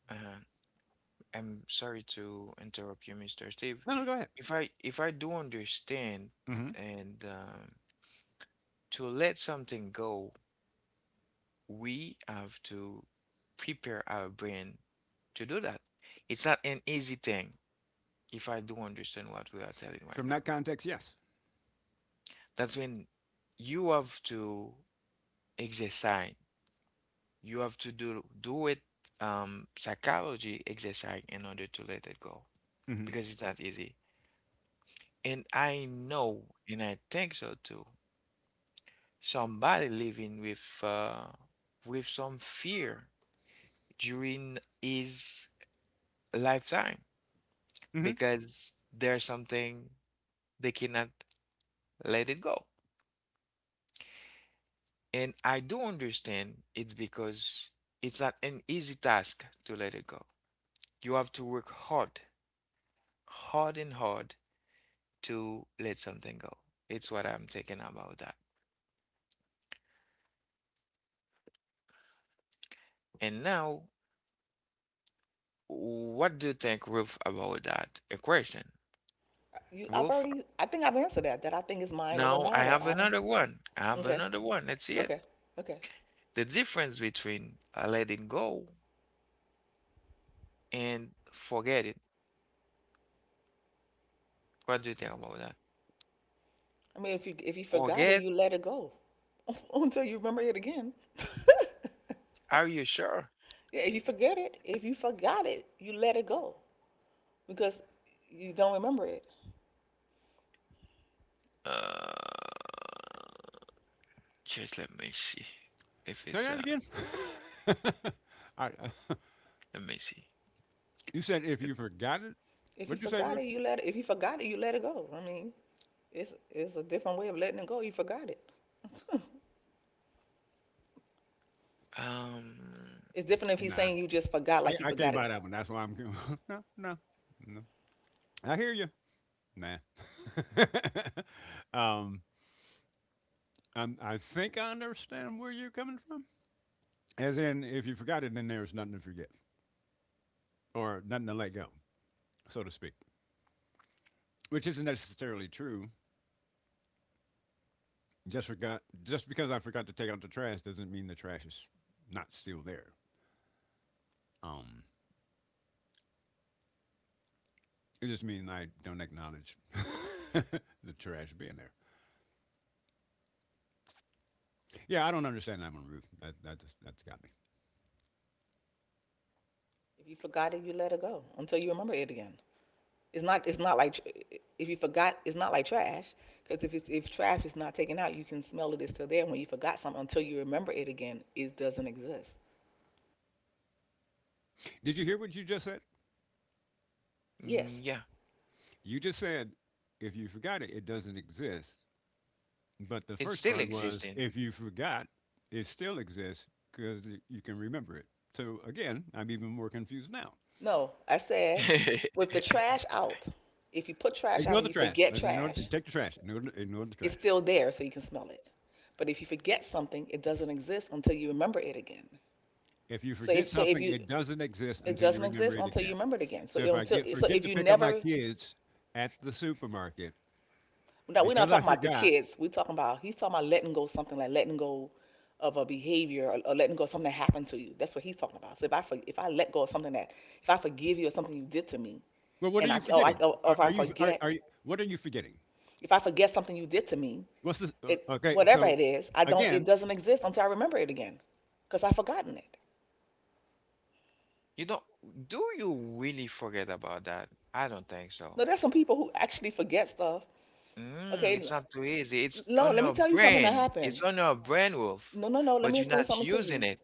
A: uh, I'm sorry to interrupt you, mister Steve.
B: No, no, go ahead.
A: If I if I do understand
B: Hmm.
A: and um, to let something go we have to prepare our brain to do that. It's not an easy thing if I do understand what we are telling right
B: From
A: now.
B: that context, yes.
A: That's when you have to exercise. You have to do do it um psychology exercise in order to let it go
B: Hmm.
A: because it's not easy. And I know and I think so too. Somebody living with uh with some fear during his lifetime
B: Hmm.
A: because there's something they cannot let it go. And I do understand it's because it's not an easy task to let it go. You have to work hard, hard and hard to let something go. It's what I'm thinking about that. And now, what do you think, Ruth, about that equation?
C: I- You, I've
A: Ruth,
C: already, I think I've answered that. That I think is mind over
A: now I
C: matter.
A: have
C: I don't.
A: another one. I have
C: Okay,
A: another one. Let's see it.
C: okay, okay.
A: The difference between uh, letting go and forgetting. What do you think about that?
C: I mean, if you if you forgot it,
A: Forget?
C: you let it go until you remember it again.
A: Are you sure?
C: Yeah, if you forget it, if you forgot it, you let it go because you don't remember it.
A: Uh, just let me see if
B: Say
A: it's
B: that
A: uh.
B: again. I,
A: Let me see.
B: you said if
A: It-
B: you forgot it,
C: If you
B: what'd you say,
C: forgot it,
B: Bruce?
C: you let it. If you forgot it, you let it go. I mean, it's it's a different way of letting it go. You forgot it.
A: Um,
C: It's different if he's
B: Nah,
C: saying you just forgot, like you
B: I, I can't
C: forgot it.
B: buy that one. That's why I'm. No, no, no. I hear you. Nah. um, I'm, I think I understand where you're coming from. As in, if you forgot it, then there's nothing to forget or nothing to let go, so to speak, which isn't necessarily true. Just forgot. Just because I forgot to take out the trash doesn't mean the trash is not still there. Um, it just means I don't acknowledge the trash being there. Yeah, I don't understand that one, Ruth. That, that just that's got me.
C: If you forgot it, you let it go until you remember it again. It's not it's not like tr- if you forgot, it's not like trash, because if it's if trash is not taken out you can smell it. It's still there. When you forgot something until you remember it again, it doesn't exist.
B: Did you hear what you just said?
A: mm,
C: Yes.
A: yeah,
B: You just said if you forgot it, it doesn't exist. But
A: it's
B: the
A: still
B: first part
A: existing.
B: was if you forgot, it still exists because you can remember it. So again, I'm even more confused now.
C: No. I said with the trash out. If you put trash out
B: Ignore
C: and
B: the
C: you
B: trash.
C: forget
B: I said, ignore,
C: trash,
B: take the trash. Ignore, the- ignore the
C: it's
B: trash.
C: still there so you can smell it. But if you forget something, it doesn't exist until you remember it again.
B: If you
C: So
B: forget
C: if so if
B: something, it
C: you
B: doesn't exist
C: it
B: until you
C: doesn't
B: remember
C: exist
B: it
C: until you
B: again.
C: remember it again. So
B: So if I
C: until
B: get
C: so
B: forget
C: if
B: to
C: you
B: pick up my
C: never.
B: kids at the supermarket
C: No, we're not
B: because I
C: talking about the
B: forgot,
C: kids. We're talking about he's talking about letting go something, like letting go of a behavior, or, or letting go of something that happened to you. That's what he's talking about. So if I for, if I let go of something that, if I forgive you or something you did to me,
B: well, what are
C: and
B: you
C: I or, I
B: forgetting?
C: oh, or
B: Are,
C: if
B: are
C: I
B: you are,
C: forget
B: are you, what are you forgetting?
C: if I forget something you did to me,
B: What's this? Uh,
C: it
B: okay,
C: whatever
B: so
C: it is, I don't it
B: again,
C: doesn't exist until I remember it again, because I've forgotten it.
A: You don't, do you really forget about that? I don't think so.
C: No, there's some people who actually forget stuff.
A: Mm,
C: Okay,
A: it's not too easy. It's
C: no,
A: on
C: let me
A: your
C: tell you something that
A: brain. It's
C: happened.
A: on your brain, Wolf.
C: No, no, no, let
A: But
C: me
A: you're
C: explain
A: not
C: something to
A: using
C: you.
A: it,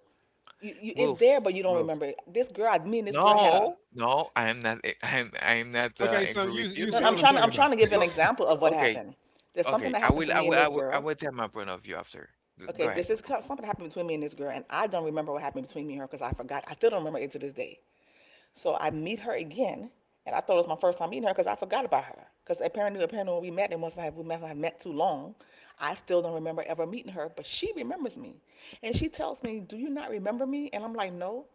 C: You, you it's there,
A: Wolf.
C: but you don't
A: Wolf.
C: remember it. This girl, I mean, this girl had a.
A: No, no, I am not. a- I am. I am not uh,
B: okay, so
A: agree
B: you
A: with you,
B: you
C: No,
B: see
C: I'm
B: what I'm
A: Wolf.
C: trying.
B: talking
C: I'm
B: about?
C: trying to give an
A: You
C: example of what
A: okay?
C: happened. There's something
A: Okay.
C: that
A: I
C: happened
A: will.
C: to
A: I
C: me and
A: will. I
C: this
A: will. I
C: girl.
A: will tell my point of view after. G-
C: Okay,
A: Go
C: this
A: ahead.
C: is
A: Wolf.
C: something that happened between me and this girl, and I don't remember what happened between me and her because I forgot. I still don't remember it to this day. So I meet her again, and I thought it was my first time meeting her because I forgot about her. Because apparently, apparently when we met, and once I have, we must have met too long. I still don't remember ever meeting her. But she remembers me, and she tells me, "Do you not remember me?" And I'm like, "No."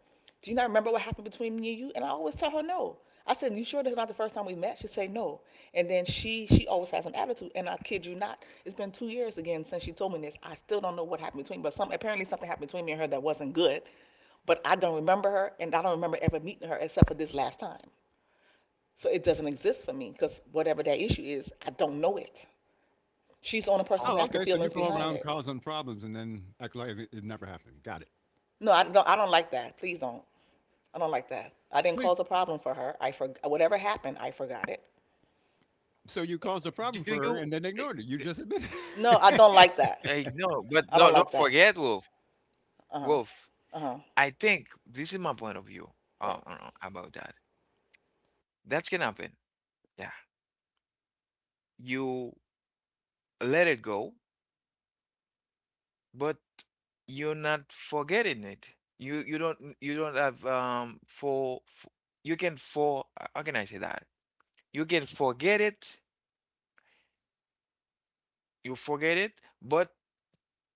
C: Do you not remember what happened between me and you? And I always tell her no. I said, you sure this is not the first time we met? She say no. And then she she always has an attitude. And I kid you not, it's been two years again since she told me this. I still don't know what happened between, but some apparently something happened between me and her that wasn't good, but I don't remember her, and I don't remember ever meeting her except for this last time. So it doesn't exist for me, because whatever that issue is, I don't know it. She's the only person who
A: Oh,
B: Oh,
C: has the
B: okay. So you
C: feelings
B: go
C: behind
B: around
C: it.
B: causing problems and then act like it, it never happened. Got it.
C: No, I don't. I don't like that. Please don't. I don't like that. I didn't
B: Please.
C: cause a problem for her. I for whatever happened, I forgot it.
B: So you caused a
A: do
B: problem for
A: you?
B: her and then ignored it. You just admitted.
C: No, I don't like
A: I
C: that.
A: no, but no.
C: I
A: Don't
C: don't like
A: forget,
C: that.
A: Wolf.
C: Uh huh.
A: Wolf.
C: Uh huh.
A: I think this is my point of view. Uh,
C: Right.
A: uh, about that. That's gonna happen. Yeah. You let it go but you're not forgetting it. You you don't you don't have um for, for you can for uh, how can I say that? You can forget it, you forget it, but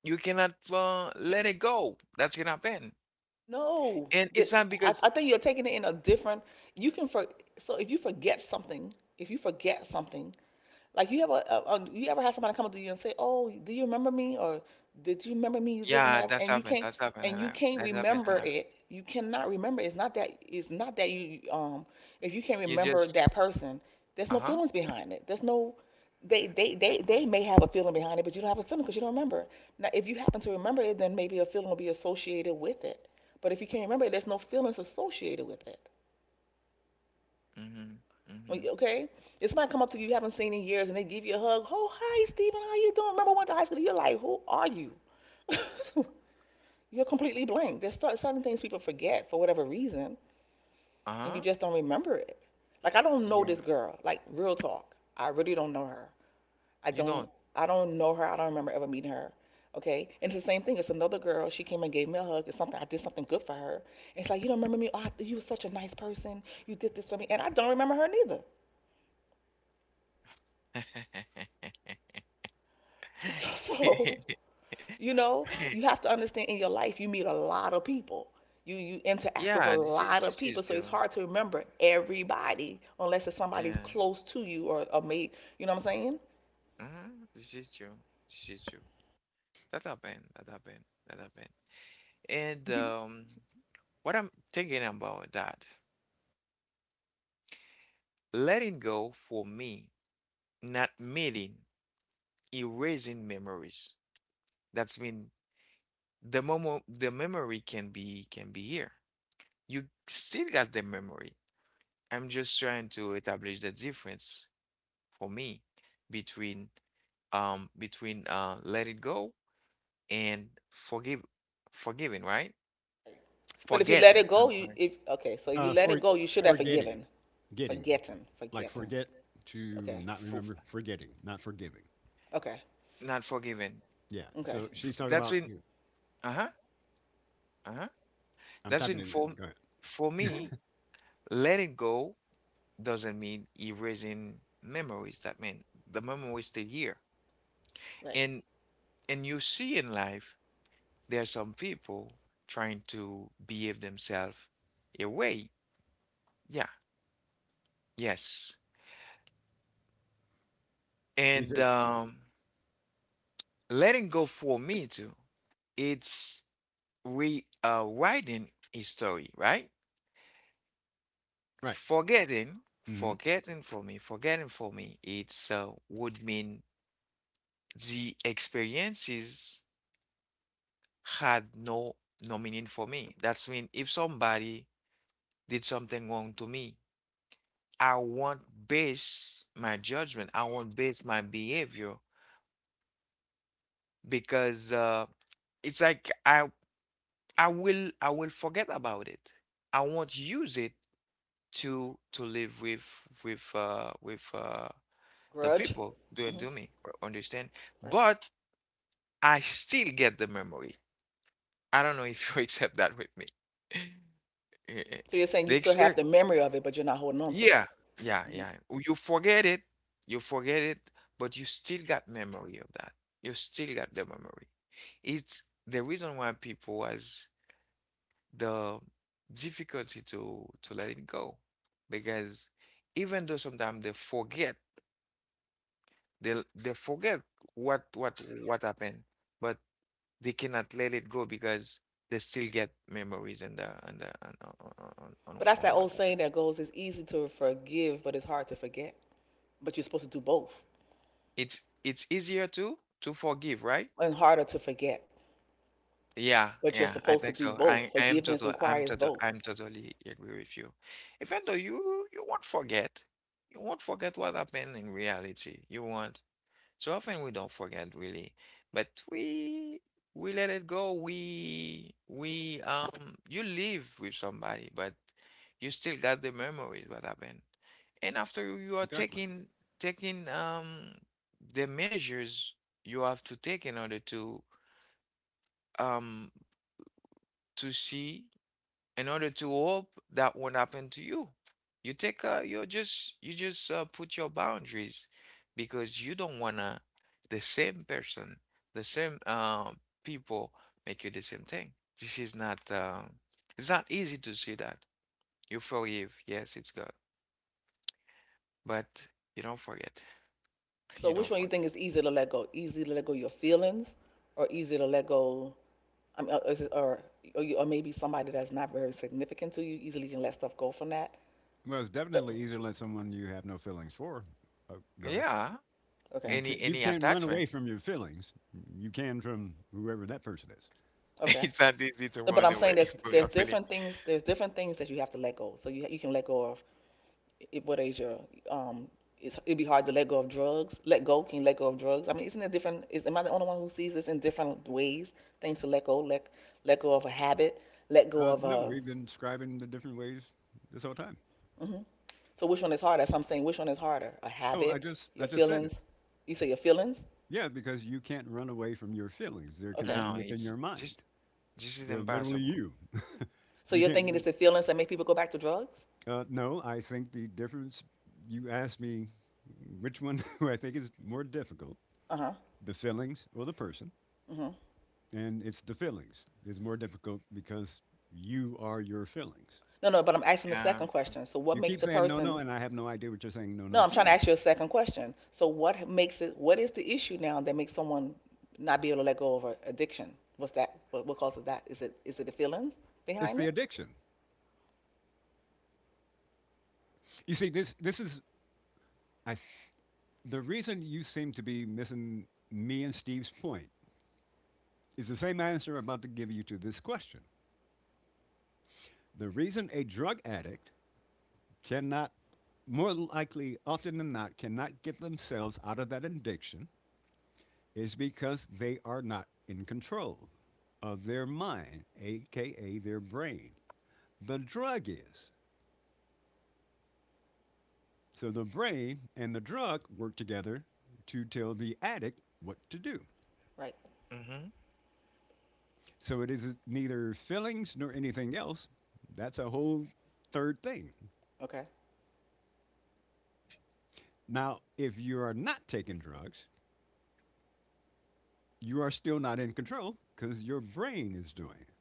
A: you cannot uh, let it go. That's gonna happen,
C: No,
A: and
C: that
A: it's not
C: I,
A: because
C: I think you're taking it in a different. You can for So if you forget something, if you forget something, like you have a, a, a you ever had somebody come up to you and say, "Oh, do you remember me?" or "Did you remember me?" This and
A: yeah,
C: that,
A: that's
C: and you
A: happened,
C: can't
A: that's happened, and
C: and
A: I,
C: you can't
A: that's happened, and
C: remember
A: I,
C: it. You cannot remember. It's not that. It's not that you um. If you can't
A: you
C: remember
A: just
C: that person, there's
A: uh
C: no
A: huh,
C: feelings behind it. There's no. They they they they may have a feeling behind it, but you don't have a feeling because you don't remember. Now, if you happen to remember it, then maybe a feeling will be associated with it. But if you can't remember it, there's no feelings associated with it.
A: mm-hmm,
C: When
A: mm-hmm,
C: you, okay, this might come up to you you haven't seen in years, and they give you a hug. Oh, hi, Stephen. How you doing? Remember, we went to high school. You're like, who are you? You're completely blank. There's certain things people forget for whatever reason,
A: uh
C: and you
A: huh,
C: just don't remember it. Like I don't know
A: yeah,
C: this girl. Like, real talk, I really don't know her. I
A: you
C: don't
A: don't.
C: I don't know her. I don't remember ever meeting her. Okay. And it's the same thing. It's another girl. She came and gave me a hug. It's something, I did something good for her. And it's like, you don't remember me? Oh, I- you were such a nice person. You did this for me. And I don't remember her neither. So, so you know, you have to understand, in your life you meet a lot of people. You you interact with a
A: Yeah, this is
C: lot of
A: this
C: people.
A: is
C: So it's
A: true.
C: hard to remember everybody unless it's somebody's
A: Yeah.
C: close to you or a mate. You know what I'm saying?
A: Ah, this is true. This is true. That happened. That happened. That happened. And um, what I'm thinking about that, letting go for me, not meeting, erasing memories. That's mean the moment the memory can be can be here. You still got the memory. I'm just trying to establish the difference for me between um between uh let it go and forgive forgiving, right?
C: But if you let
A: Forgetting.
C: it go,
A: I'm
C: you if okay, so if you
B: Uh,
C: let it
B: for
C: go, you should have
B: forgetting,
C: forgiven.
B: getting,
C: Forgetting,
B: like
C: forgetting.
B: forget to
C: Okay,
B: not
A: for
B: remember, forgetting, not forgiving.
C: okay,
A: not forgiven.
B: Yeah.
C: okay,
B: So
A: F-
B: she's talking
A: That's
B: about
A: when
B: you.
A: uh-huh, uh-huh.
B: I'm
A: That's
B: typing
A: in
B: in. Then
A: for
B: go ahead.
A: for me, letting go doesn't mean erasing memories. That mean the memory is still here.
C: right.
A: And and you see in life there are some people trying to behave themselves a way. Yeah, yes.
B: He
A: And
B: said.
A: um letting go for me too, it's rewriting a story, right?
B: Right.
A: Forgetting,
B: Mm-hmm.
A: forgetting for me, forgetting for me, it's uh, would mean the experiences had no no meaning for me. That's mean if somebody did something wrong to me, I won't base my judgment, I won't base my behavior because uh, it's like I I will I will forget about it. I won't use it to to live with with uh, with uh, the
C: Grudge.
A: people
C: Hmm.
A: don't do me or understand,
C: Right.
A: but I still get the memory. I don't know if you accept that with me.
C: So you're saying you
A: The
C: still have
A: experience,
C: the memory of it, but you're not holding on to
A: yeah,
C: it.
A: yeah,
C: Hmm.
A: yeah. You forget it, you forget it, but you still got memory of that. You still got the memory. It's the reason why people has the difficulty to to let it go, because even though sometimes they forget, they they forget what what what happened, but they cannot let it go because they still get memories and the and the on on on on
C: But that's
A: on
C: that
A: what
C: old
A: happened.
C: saying that goes, it's easy to forgive, but it's hard to forget. But you're supposed to do both,
A: It's it's easier to to forgive, right?
C: and harder to forget.
A: Yeah,
C: But you're
A: yeah, I
C: supposed to
A: think
C: do
A: so.
C: both.
A: I I am
C: Forgiveness
A: total I'm
C: requires
A: total
C: both.
A: I'm totally agree with you. Even though you you won't forget, you won't forget what happened in reality. You won't. So often we don't forget really, but we we let it go. We we um you live with somebody, but you still got the memories what happened. And after you are
B: Exactly.
A: taking taking um the measures you have to take in order to um to see in order to hope that won't happen to you. You take uh you just you just uh, put your boundaries because you don't wanna the same person, the same uh, people make you the same thing. This is not uh, it's not easy to see that. You forgive, yes, it's good, but you don't forget.
C: So
A: You don't
C: which one you
A: forget.
C: think is easy to let go? Easy to let go your feelings, or easy to let go? I mean, or, is it- or, or, you, or maybe somebody that's not very significant to you easily can let stuff go from that.
B: Well, it's
C: 'Cause-
B: definitely easier to let someone you have no feelings for, uh, go.
A: Yeah,
B: You
C: Okay,
B: can
A: any
B: you
A: any
B: can't run away
A: attachment.
B: from your feelings. You can from whoever that person is.
C: okay.
A: It's not easy to
C: No, but
A: run
C: I'm saying
A: away
C: there's
A: from
C: there's
A: your feeling.
C: different things there's different things that you have to let go. So you you can let go of i- what is your um it's, it'd be hard to let go of drugs. Let go can you let go of drugs? I mean, isn't it different? Is am I the only one who sees this in different ways? Things to let go, let let go of a habit, let go
B: Uh,
C: of
B: no,
C: a.
B: we've been describing the different ways this whole time.
C: Hmm. So which one is harder? So I'm saying which one is harder? A
B: Oh, I
C: habit,
B: just I
C: your
B: just said
C: feelings.
B: it.
C: You say your feelings.
B: Yeah, because you can't run away from your feelings. They're
C: Okay.
A: No,
B: contained within
A: it's
B: your
A: just
B: mind.
A: this is
B: They're literally
A: impossible.
B: you.
C: So
B: You
C: you're
B: can't.
C: thinking it's the feelings that make people go back to drugs?
B: Uh, no, I think the difference. You asked me which one do I think is more difficult,
C: Uh huh.
B: the feelings or the person,
C: Hmm.
B: and it's the feelings is more difficult because you are your feelings.
C: No, no. But I'm asking the
A: Yeah.
C: second question. So what
B: You
C: makes
B: keep
C: the
B: saying no, no,
C: person.
B: and I have no idea what you're saying no,
C: No,
B: no
C: I'm trying to
B: to.
C: ask you a second question. So what makes it, what is the issue now that makes someone not be able to let go of a addiction? What's that? What, what causes that? Is it is it the feelings
B: It's
C: behind
B: the
C: it?
B: addiction. You see, this this is I. The reason you seem to be missing me and Steve's point is the same answer I'm about to give you to this question. The reason a drug addict cannot, more likely, often than not, cannot get themselves out of that addiction is because they are not in control of their mind, aka their brain. The drug is. So the brain and the drug work together to tell the addict what to do.
C: Right.
A: Hmm.
B: So it is neither fillings nor anything else. That's a whole third thing.
C: Okay.
B: Now, if you are not taking drugs, you are still not in control because your brain is doing it.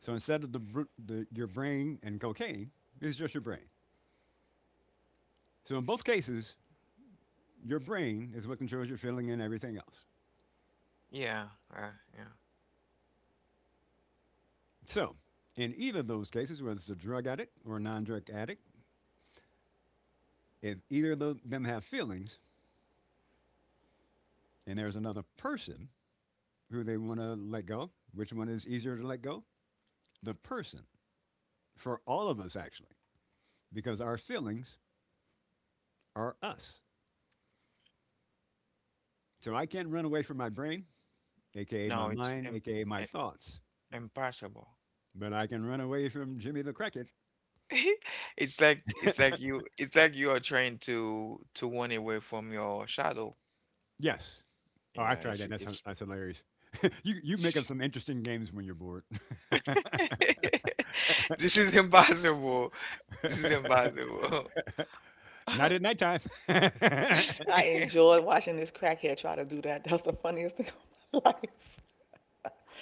B: So instead of the, the your brain and cocaine, it's just your brain. So in both cases, your brain is what controls your feeling and everything else.
A: Yeah, uh, yeah.
B: So in either of those cases, whether it's a drug addict or a non-drug addict, if either of them have feelings and there's another person who they want to let go, which one is easier to let go? The person, for all of us, actually, because our feelings are us. So I can't run away from my brain, A K A
A: No,
B: my
A: it's
B: mind,
A: im
B: A K A my
A: I
B: thoughts,
A: impossible.
B: but I can run away from Jimmy the Cricket.
A: It's like it's like you it's like you are trying to to run away from your shadow.
B: Yes. Oh, I've
A: Yeah,
B: tried
A: it's
B: that. That's,
A: it's
B: that's hilarious. You, you make up some interesting games when you're bored. Not
A: this is impossible. This is impossible.
B: at nighttime.
C: I enjoy watching this crackhead try to do that. That was the funniest thing of my life.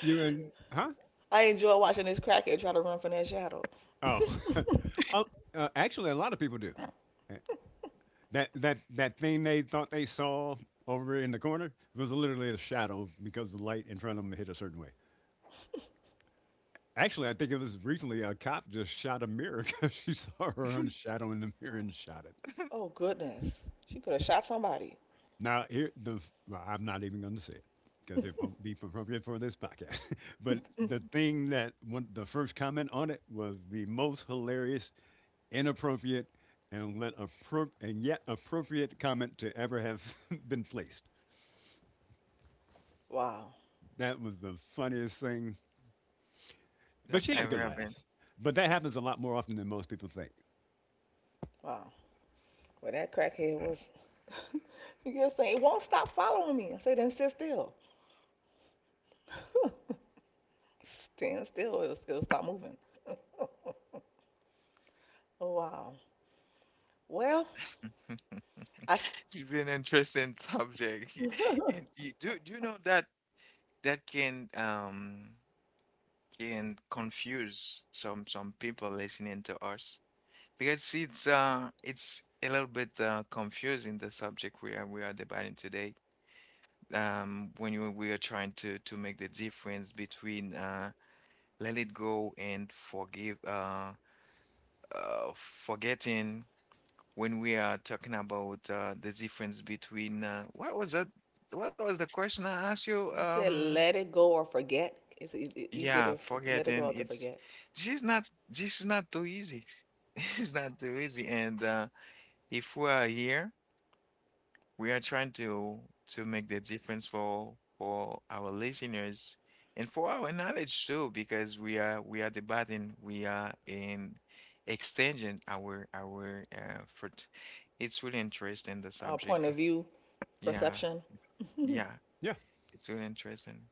B: You and, huh?
C: I enjoy watching this crackhead try to run from that shadow.
B: Oh, oh, uh, actually, a lot of people do. Uh, That that that thing they thought they saw over in the corner was literally a shadow because the light in front of them hit a certain way. Actually, I think it was recently a cop just shot a mirror because she saw her own shadow in the mirror and shot it.
C: Oh, goodness. She could have shot somebody.
B: Now here the, well, I'm not even going to say it because it won't be appropriate for this podcast. But the thing that one, the first comment on it was the most hilarious, inappropriate, and let appro- and yet appropriate comment to ever have been placed.
C: Wow.
B: That was the funniest thing. But
A: That
B: she had a
A: ever
B: good
A: happened.
B: laugh. But that happens a lot more often than most people think.
C: Wow. Well, that crackhead was, you just saying it won't stop following me. I said, then sit still. Stand still, it'll, it'll stop moving. Oh, wow. Well. I st-
A: It's an interesting subject. And you do do you know that that can um can confuse some some people listening to us because it's uh it's a little bit uh confusing the subject we are we are debating today. Um, when you we are trying to to make the difference between uh let it go and forgive uh uh forgetting when we are talking about uh, the difference between uh, what was that? What was the question I asked you?
C: you said
A: Um,
C: let it go or forget. Is it e- easier
A: yeah,
C: to f- let it go
A: forgetting.
C: or to
A: It's
C: forget?
A: this is not this is not too easy. This is not too easy. And uh, if we are here, we are trying to to make the difference for for our listeners and for our knowledge too, because we are we are debating, we are in extending our our effort. It's really interesting the
C: Uh, point
A: subject.
C: of view,
A: Yeah,
C: perception.
A: yeah,
B: Yeah.
A: it's really interesting.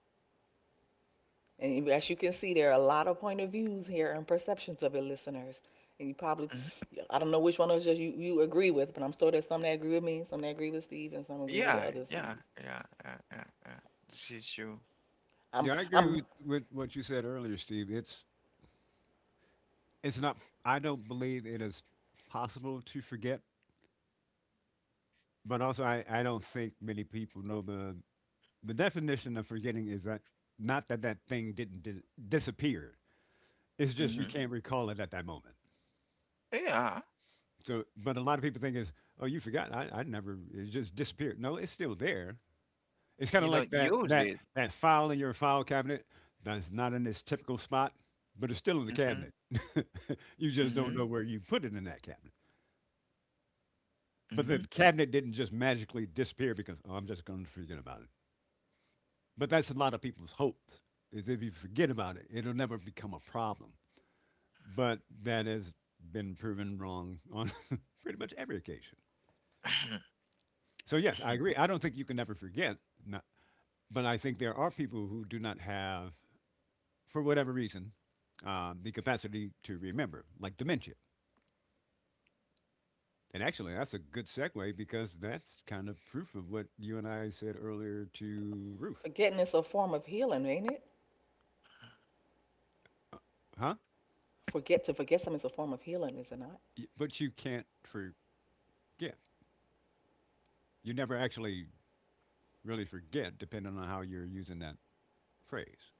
C: And as you can see, there are a lot of point of views here and perceptions of your listeners. And you probably,
A: Mhm.
C: I don't know which one of us you, you agree with, but I'm sure there's some that agree with me, some that agree with Steve, and some agree with
A: Yeah,
C: the other
A: yeah,
C: Steve.
A: yeah, yeah, yeah, yeah. This is true.
C: I'm,
B: Yeah, I agree
C: I'm
B: with, with what you said earlier, Steve. It's it's not I don't believe it is possible to forget, but also I, I don't think many people know the the definition of forgetting is that not that that thing didn't di- disappear. It's just you
A: Hmm.
B: can't recall it at that moment.
A: Yeah,
B: So, but a lot of people think is, oh, you forgot. I, I never. It just disappeared. No, it's still there. It's kind
A: you
B: of
A: don't
B: like that
A: use
B: that
A: it.
B: that file in your file cabinet that's not in its typical spot, but it's still in the
A: Hmm.
B: cabinet. You just don't
A: Hmm.
B: know where you put it in that cabinet. But
A: Hmm.
B: the cabinet didn't just magically disappear because oh, I'm just going to forget about it. But that's a lot of people's hopes. Is if you forget about it, it'll never become a problem. But that has been proven wrong on pretty much every occasion. So yes, I agree. I don't think you can never forget. Not, but I think there are people who do not have, for whatever reason, um, the capacity to remember, like dementia. And actually, that's a good segue because that's kind of proof of what you and I said earlier to Ruth.
C: forgetting is a form of healing, ain't it?
B: Uh, huh?
C: Forget, to forget something is a form of healing, is it not?
B: Y- But you can't forget. You never actually really forget, depending on how you're using that phrase.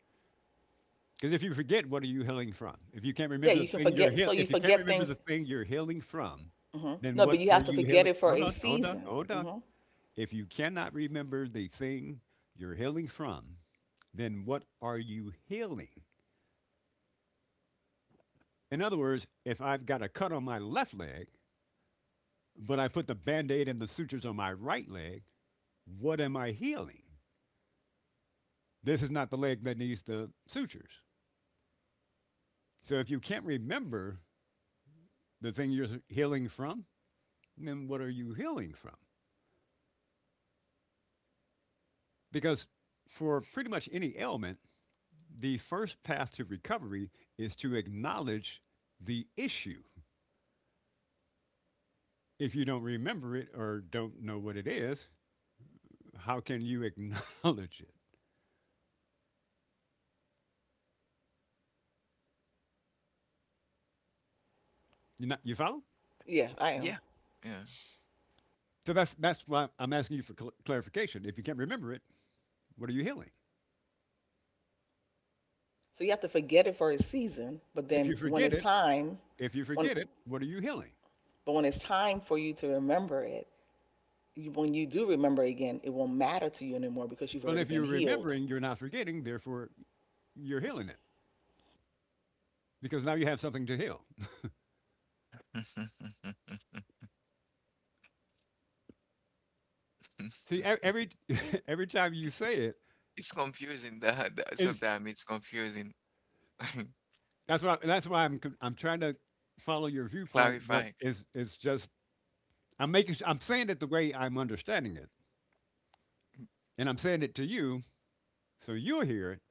B: Because if you forget, what are you healing from? If you can't
C: Yeah,
B: remember
C: you
B: the
C: can
B: thing you're
C: forget.
B: heal-
C: So you
B: if you can't
C: forget
B: remember
C: things.
B: the thing you're healing from,
C: Hmm.
B: then
C: No, but
B: what
C: you
B: are
C: have to
B: you
C: forget
B: healing?
C: it for
B: Hold
C: a
B: on, hold on,
C: season.
B: hold on.
C: Hmm.
B: If you cannot remember the thing you're healing from, then what are you healing? In other words, if I've got a cut on my left leg, but I put the band aid and the sutures on my right leg, what am I healing? This is not the leg that needs the sutures. So if you can't remember the thing you're healing from, then what are you healing from? Because for pretty much any ailment, the first path to recovery is to acknowledge the issue. If you don't remember it or don't know what it is, how can you acknowledge it? You not, you follow?
C: Yeah, I
A: Yeah,
C: am.
A: yeah.
B: So that's that's why I'm asking you for cl- clarification. If you can't remember it, what are you healing?
C: So you have to forget it for a season, but
B: If you
C: then when
B: forget
C: it's
B: it,
C: time,
B: if you
C: when,
B: forget it, what are you healing?
C: but when it's time for you to remember it, you, when you do remember again, it won't matter to you anymore because you've
B: Well,
C: already
B: if
C: been
B: you're
C: healed.
B: remembering, you're not forgetting. Therefore, you're healing it because now you have something to heal. See, e- every every time you say it,
A: It's confusing. That, that
B: is
A: sometimes it's confusing.
B: that's why that's why I'm con- I'm trying to follow your viewpoint,
A: Clarifying
B: but it's it's just I'm making s- I'm saying it the way I'm understanding it, and I'm saying it to you so you'll hear it.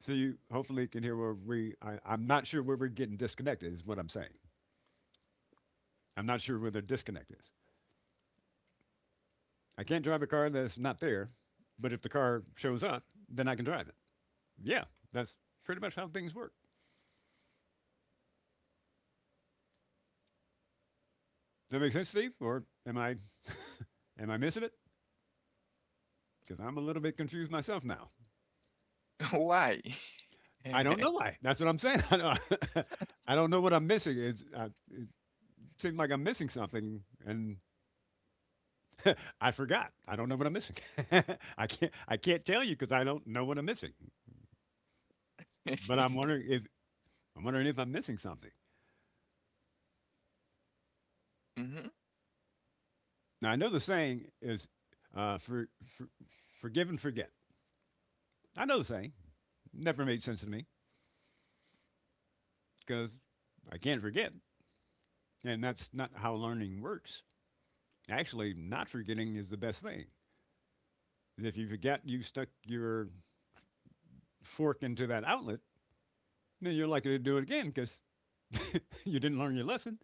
B: So you hopefully can hear where we. I, I'm not sure where we're getting disconnected. Is what I'm saying. I'm not sure where the disconnect is. I can't drive a car that's not there, but if the car shows up, then I can drive it. Yeah, that's pretty much how things work. Does that make sense, Steve? Or am I am I missing it? Because I'm a little bit confused myself now.
A: why.
B: I don't know why. That's what I'm saying. I don't, I don't know what I'm missing. It's, uh, it seems like I'm missing something, and I forgot. I don't know what I'm missing. I can't. I can't tell you because I don't know what I'm missing. But I'm wondering if I'm wondering if I'm missing something.
A: Mm-hmm.
B: Now I know the saying is, uh, for, for forgive and forget. I know the saying. Never made sense to me because I can't forget, and that's not how learning works. Actually, not forgetting is the best thing. If you forget, you stuck your fork into that outlet, then you're likely to do it again because you didn't learn your lesson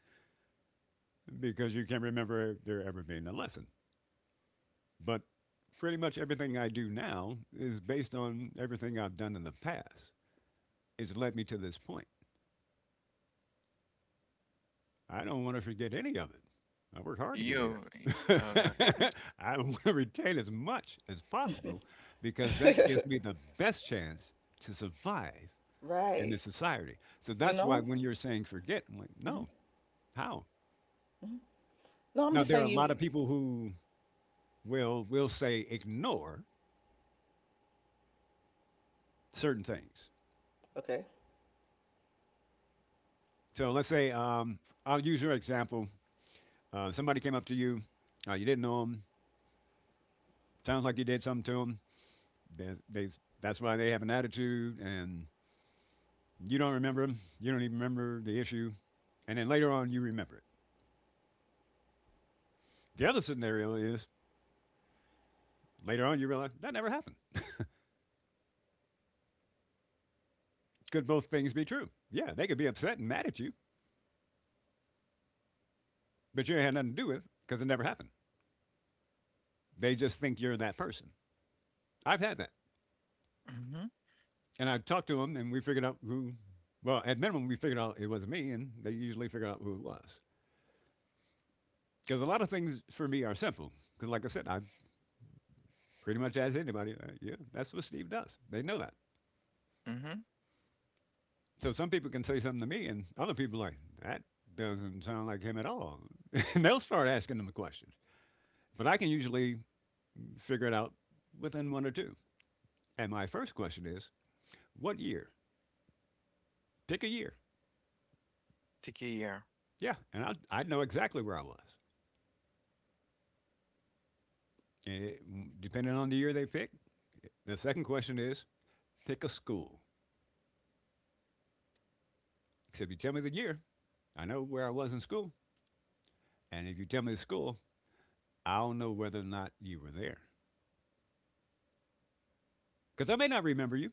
B: because you can't remember there ever being a lesson. But pretty much everything I do now is based on everything I've done in the past. It's led me to this point. I don't want to forget any of it. I worked hard to get
A: You.
B: here.
A: Okay.
B: I want to retain as much as possible because that gives me the best chance to survive in this
C: Right.
B: society. So
C: You
B: that's why
C: know?
B: when you're saying forget, I'm like,
C: Hmm.
B: no, how?
C: Hmm. No, I'm
B: Now,
C: just
B: there are a
C: saying
B: lot
C: you.
B: of people who will, will say ignore certain things.
C: Okay.
B: So let's say um, I'll use your example. Uh, somebody came up to you. Uh, you didn't know them. Sounds like you did something to them. They, they, that's why they have an attitude, and you don't remember them. You don't even remember the issue. And then later on, you remember it. The other scenario is later on, you realize that never happened. Could both things be true? Yeah, they could be upset and mad at you, but you had nothing to do with because it, because it never happened. They just think you're that person. I've had that.
A: Mm-hmm.
B: And I've talked to them, and we figured out who, well, at minimum, we figured out it wasn't me, and they usually figured out who it was. Because a lot of things for me are simple. Because, like I said, I pretty much ask anybody, uh, yeah, that's what Steve does. They know that.
A: Mm-hmm.
B: So some people can say something to me, and other people are like, that doesn't sound like him at all. And they'll start asking them questions. But I can usually figure it out within one or two. And my first question is, what year? Pick a year.
A: Take care.
B: Yeah, and I I know exactly where I was. And it- mm, depending on the year they pick, the second question is pick a school. Because if you tell me the year, I know where I was in school. And if you tell me the school, I don't know whether or not you were there because I may not remember you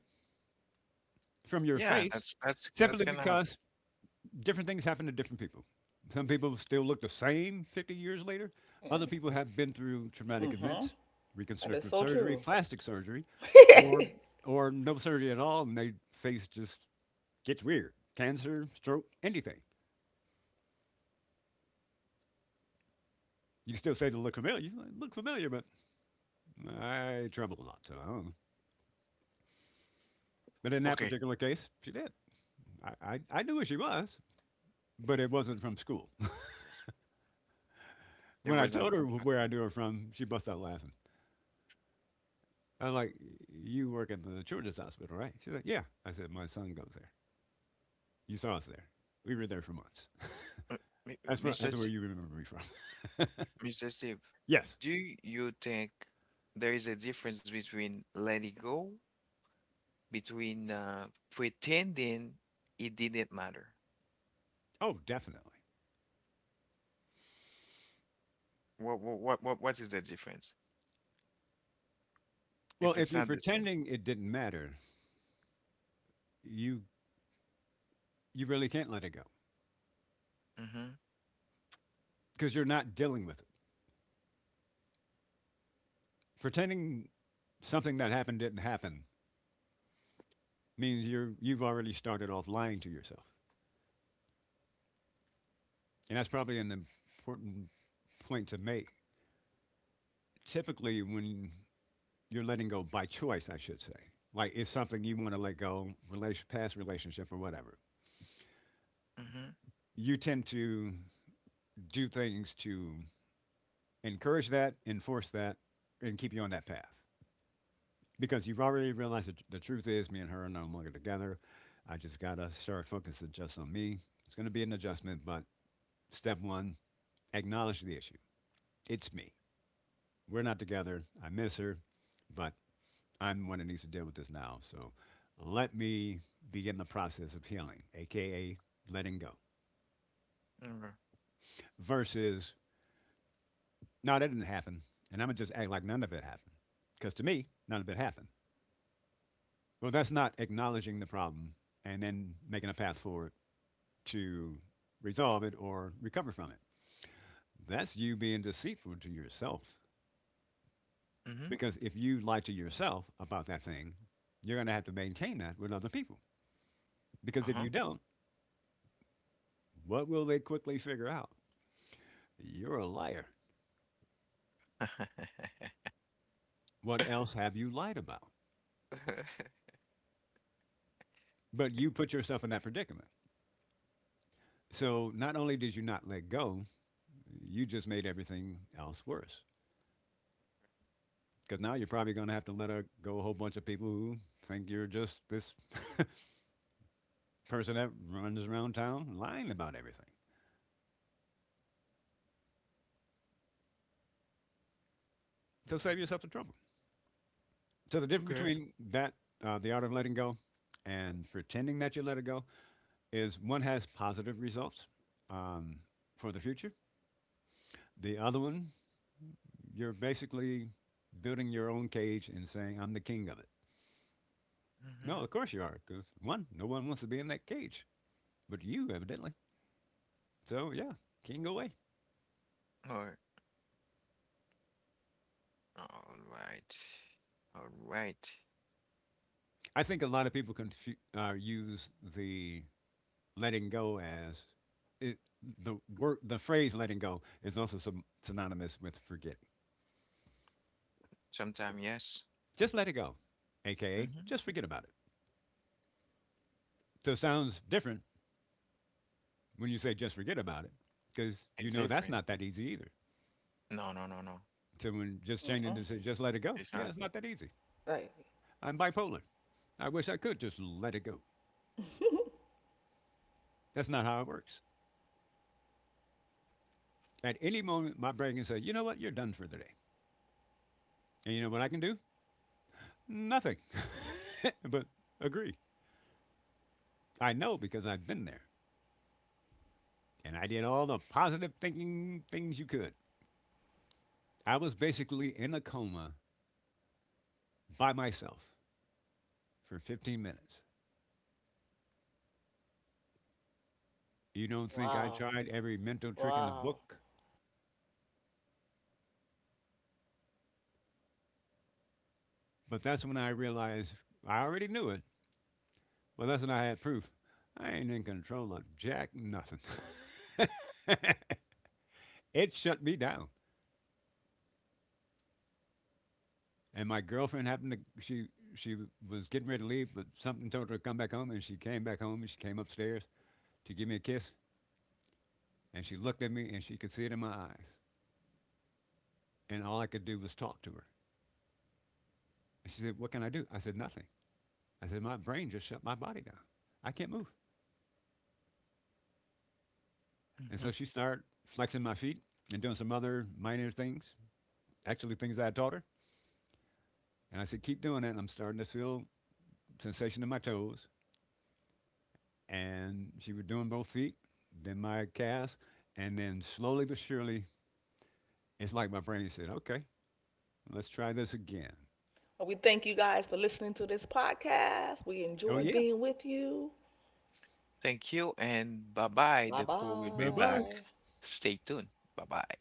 B: from your
A: Yeah,
B: face
A: that's that's that's
B: simply
A: gonna.
B: because different things happen to different people. Some people still look the same fifty years later. Other
C: And
B: people have been through traumatic
C: mm-hmm.
B: events,
C: That is
B: reconstructive
C: so
B: surgery,
C: true.
B: plastic surgery, or
C: Mm-mm.
B: or no surgery at all, and their face just gets weird. Cancer, stroke, anything. You can still say they look familiar. You look familiar, but I travel a lot, so I don't know. But in that
A: Okay.
B: particular case, she did. I, I, I knew who she was, but it wasn't from school.
A: There
B: When I
A: was no
B: told her
A: contract.
B: where I knew her from, she bust out laughing. I was like, "You work at the children's hospital, right?" She's like, "Yeah." I said, "My son goes there. You saw us there. We were there for months.
A: Uh, Mi-
B: That's from,
A: Mr.
B: that's
A: S-
B: where you remember me from."
A: mister Steve,
B: Yes.
A: do you think there is a difference between letting go, between uh, pretending it didn't matter?
B: Oh, definitely.
A: What what what what what is the difference if
B: Well,
A: it's
B: if
A: not
B: you're
A: the same?
B: pretending it didn't matter, you you really can't let it go
A: Mm-hmm.
B: because you're not dealing with it. Pretending something that happened didn't happen means you're you've already started off lying to yourself, and that's probably an important point to make. Typically, when you're letting go by choice, I should say. Like it's something you want to let go, relation, past relationship or whatever.
A: Mm-hmm.
B: You tend to do things to encourage that, enforce that, and keep you on that path because you've already realized that the truth is, me and her are no longer together. I just gotta start focusing just on me. It's gonna be an adjustment, but step one, acknowledge the issue. It's me. We're not together. I miss her, but I'm the one that needs to deal with this now. So let me begin the process of healing, aka letting go.
A: Okay.
B: Versus, no, that didn't happen. And I'm gonna just act like none of it happened. Because to me, none of it happened. Well, that's not acknowledging the problem and then making a path forward to resolve it or recover from it. That's you being deceitful to yourself.
A: Mm-hmm.
B: Because if you lie to yourself about that thing, you're going to have to maintain that with other people. Because
A: Uh-huh.
B: if you don't, what will they quickly figure out? You're a liar. What else have you lied about? But you put yourself in that predicament. So not only did you not let go, you just made everything else worse. Because now you're probably going to have to let go a whole bunch of people who think you're just this person that runs around town lying about everything. So save
A: Mhm.
B: yourself the trouble. So the difference
A: Okay.
B: between that, uh, the art of letting go, and pretending that you let it go is one has positive results um, for the future. The other one you're basically building your own cage and saying, I'm the king of it.
A: Mm-hmm.
B: No, of course you are, because one, no one wants to be in that cage, but you evidently. So, yeah, king away.
A: All right. All right. All right.
B: I think a lot of people confu- uh, use the letting go as it, the word, the phrase letting go is also some, synonymous with forgetting.
A: Sometime yes.
B: Just let it go, aka just forget about it. So it sounds different when you say just forget about it, because
A: It's
B: you know that's
A: different.
B: not that easy either.
A: No, no, no, no.
B: So when just changing to say just let it go,
A: It's not.
B: yeah, it's not that easy.
C: Right.
B: I'm bipolar. I wish I could just let it go. That's not how it works. At any moment, my brain can say, you know what, you're done for the day. And you know what I can do? Nothing. But agree. I know because I've been there. And I did all the positive thinking things you could. I was basically in a coma by myself for fifteen minutes. You don't think I
C: Wow.
B: tried every mental trick in the
C: Wow.
B: book? But that's when I realized I already knew it. Well, that's when I had proof. I ain't in control of jack nothing. It shut me down. And my girlfriend happened to she she was getting ready to leave, but something told her to come back home, and she came back home and she came upstairs to give me a kiss, and she looked at me and she could see it in my eyes, and all I could do was talk to her. And she said, "What can I do?" I said, "Nothing." I said, "My brain just shut my body down. I can't move." And
A: Hmm.
B: so she started flexing my feet and doing some other minor things, actually things I had taught her. And I said, "Keep doing that." And I'm starting to feel sensation in my toes, and she was doing both feet, then my calves, and then slowly but surely, it's like my brain said, okay, let's try this again.
C: Well, we thank you guys for listening to this podcast. We
B: Oh,
C: enjoyed
B: yeah.
C: being with you.
A: Thank you and bye bye.
C: Bye
A: The call will be
B: Bye
A: back.
B: bye.
C: bye.
A: Stay tuned. Bye bye.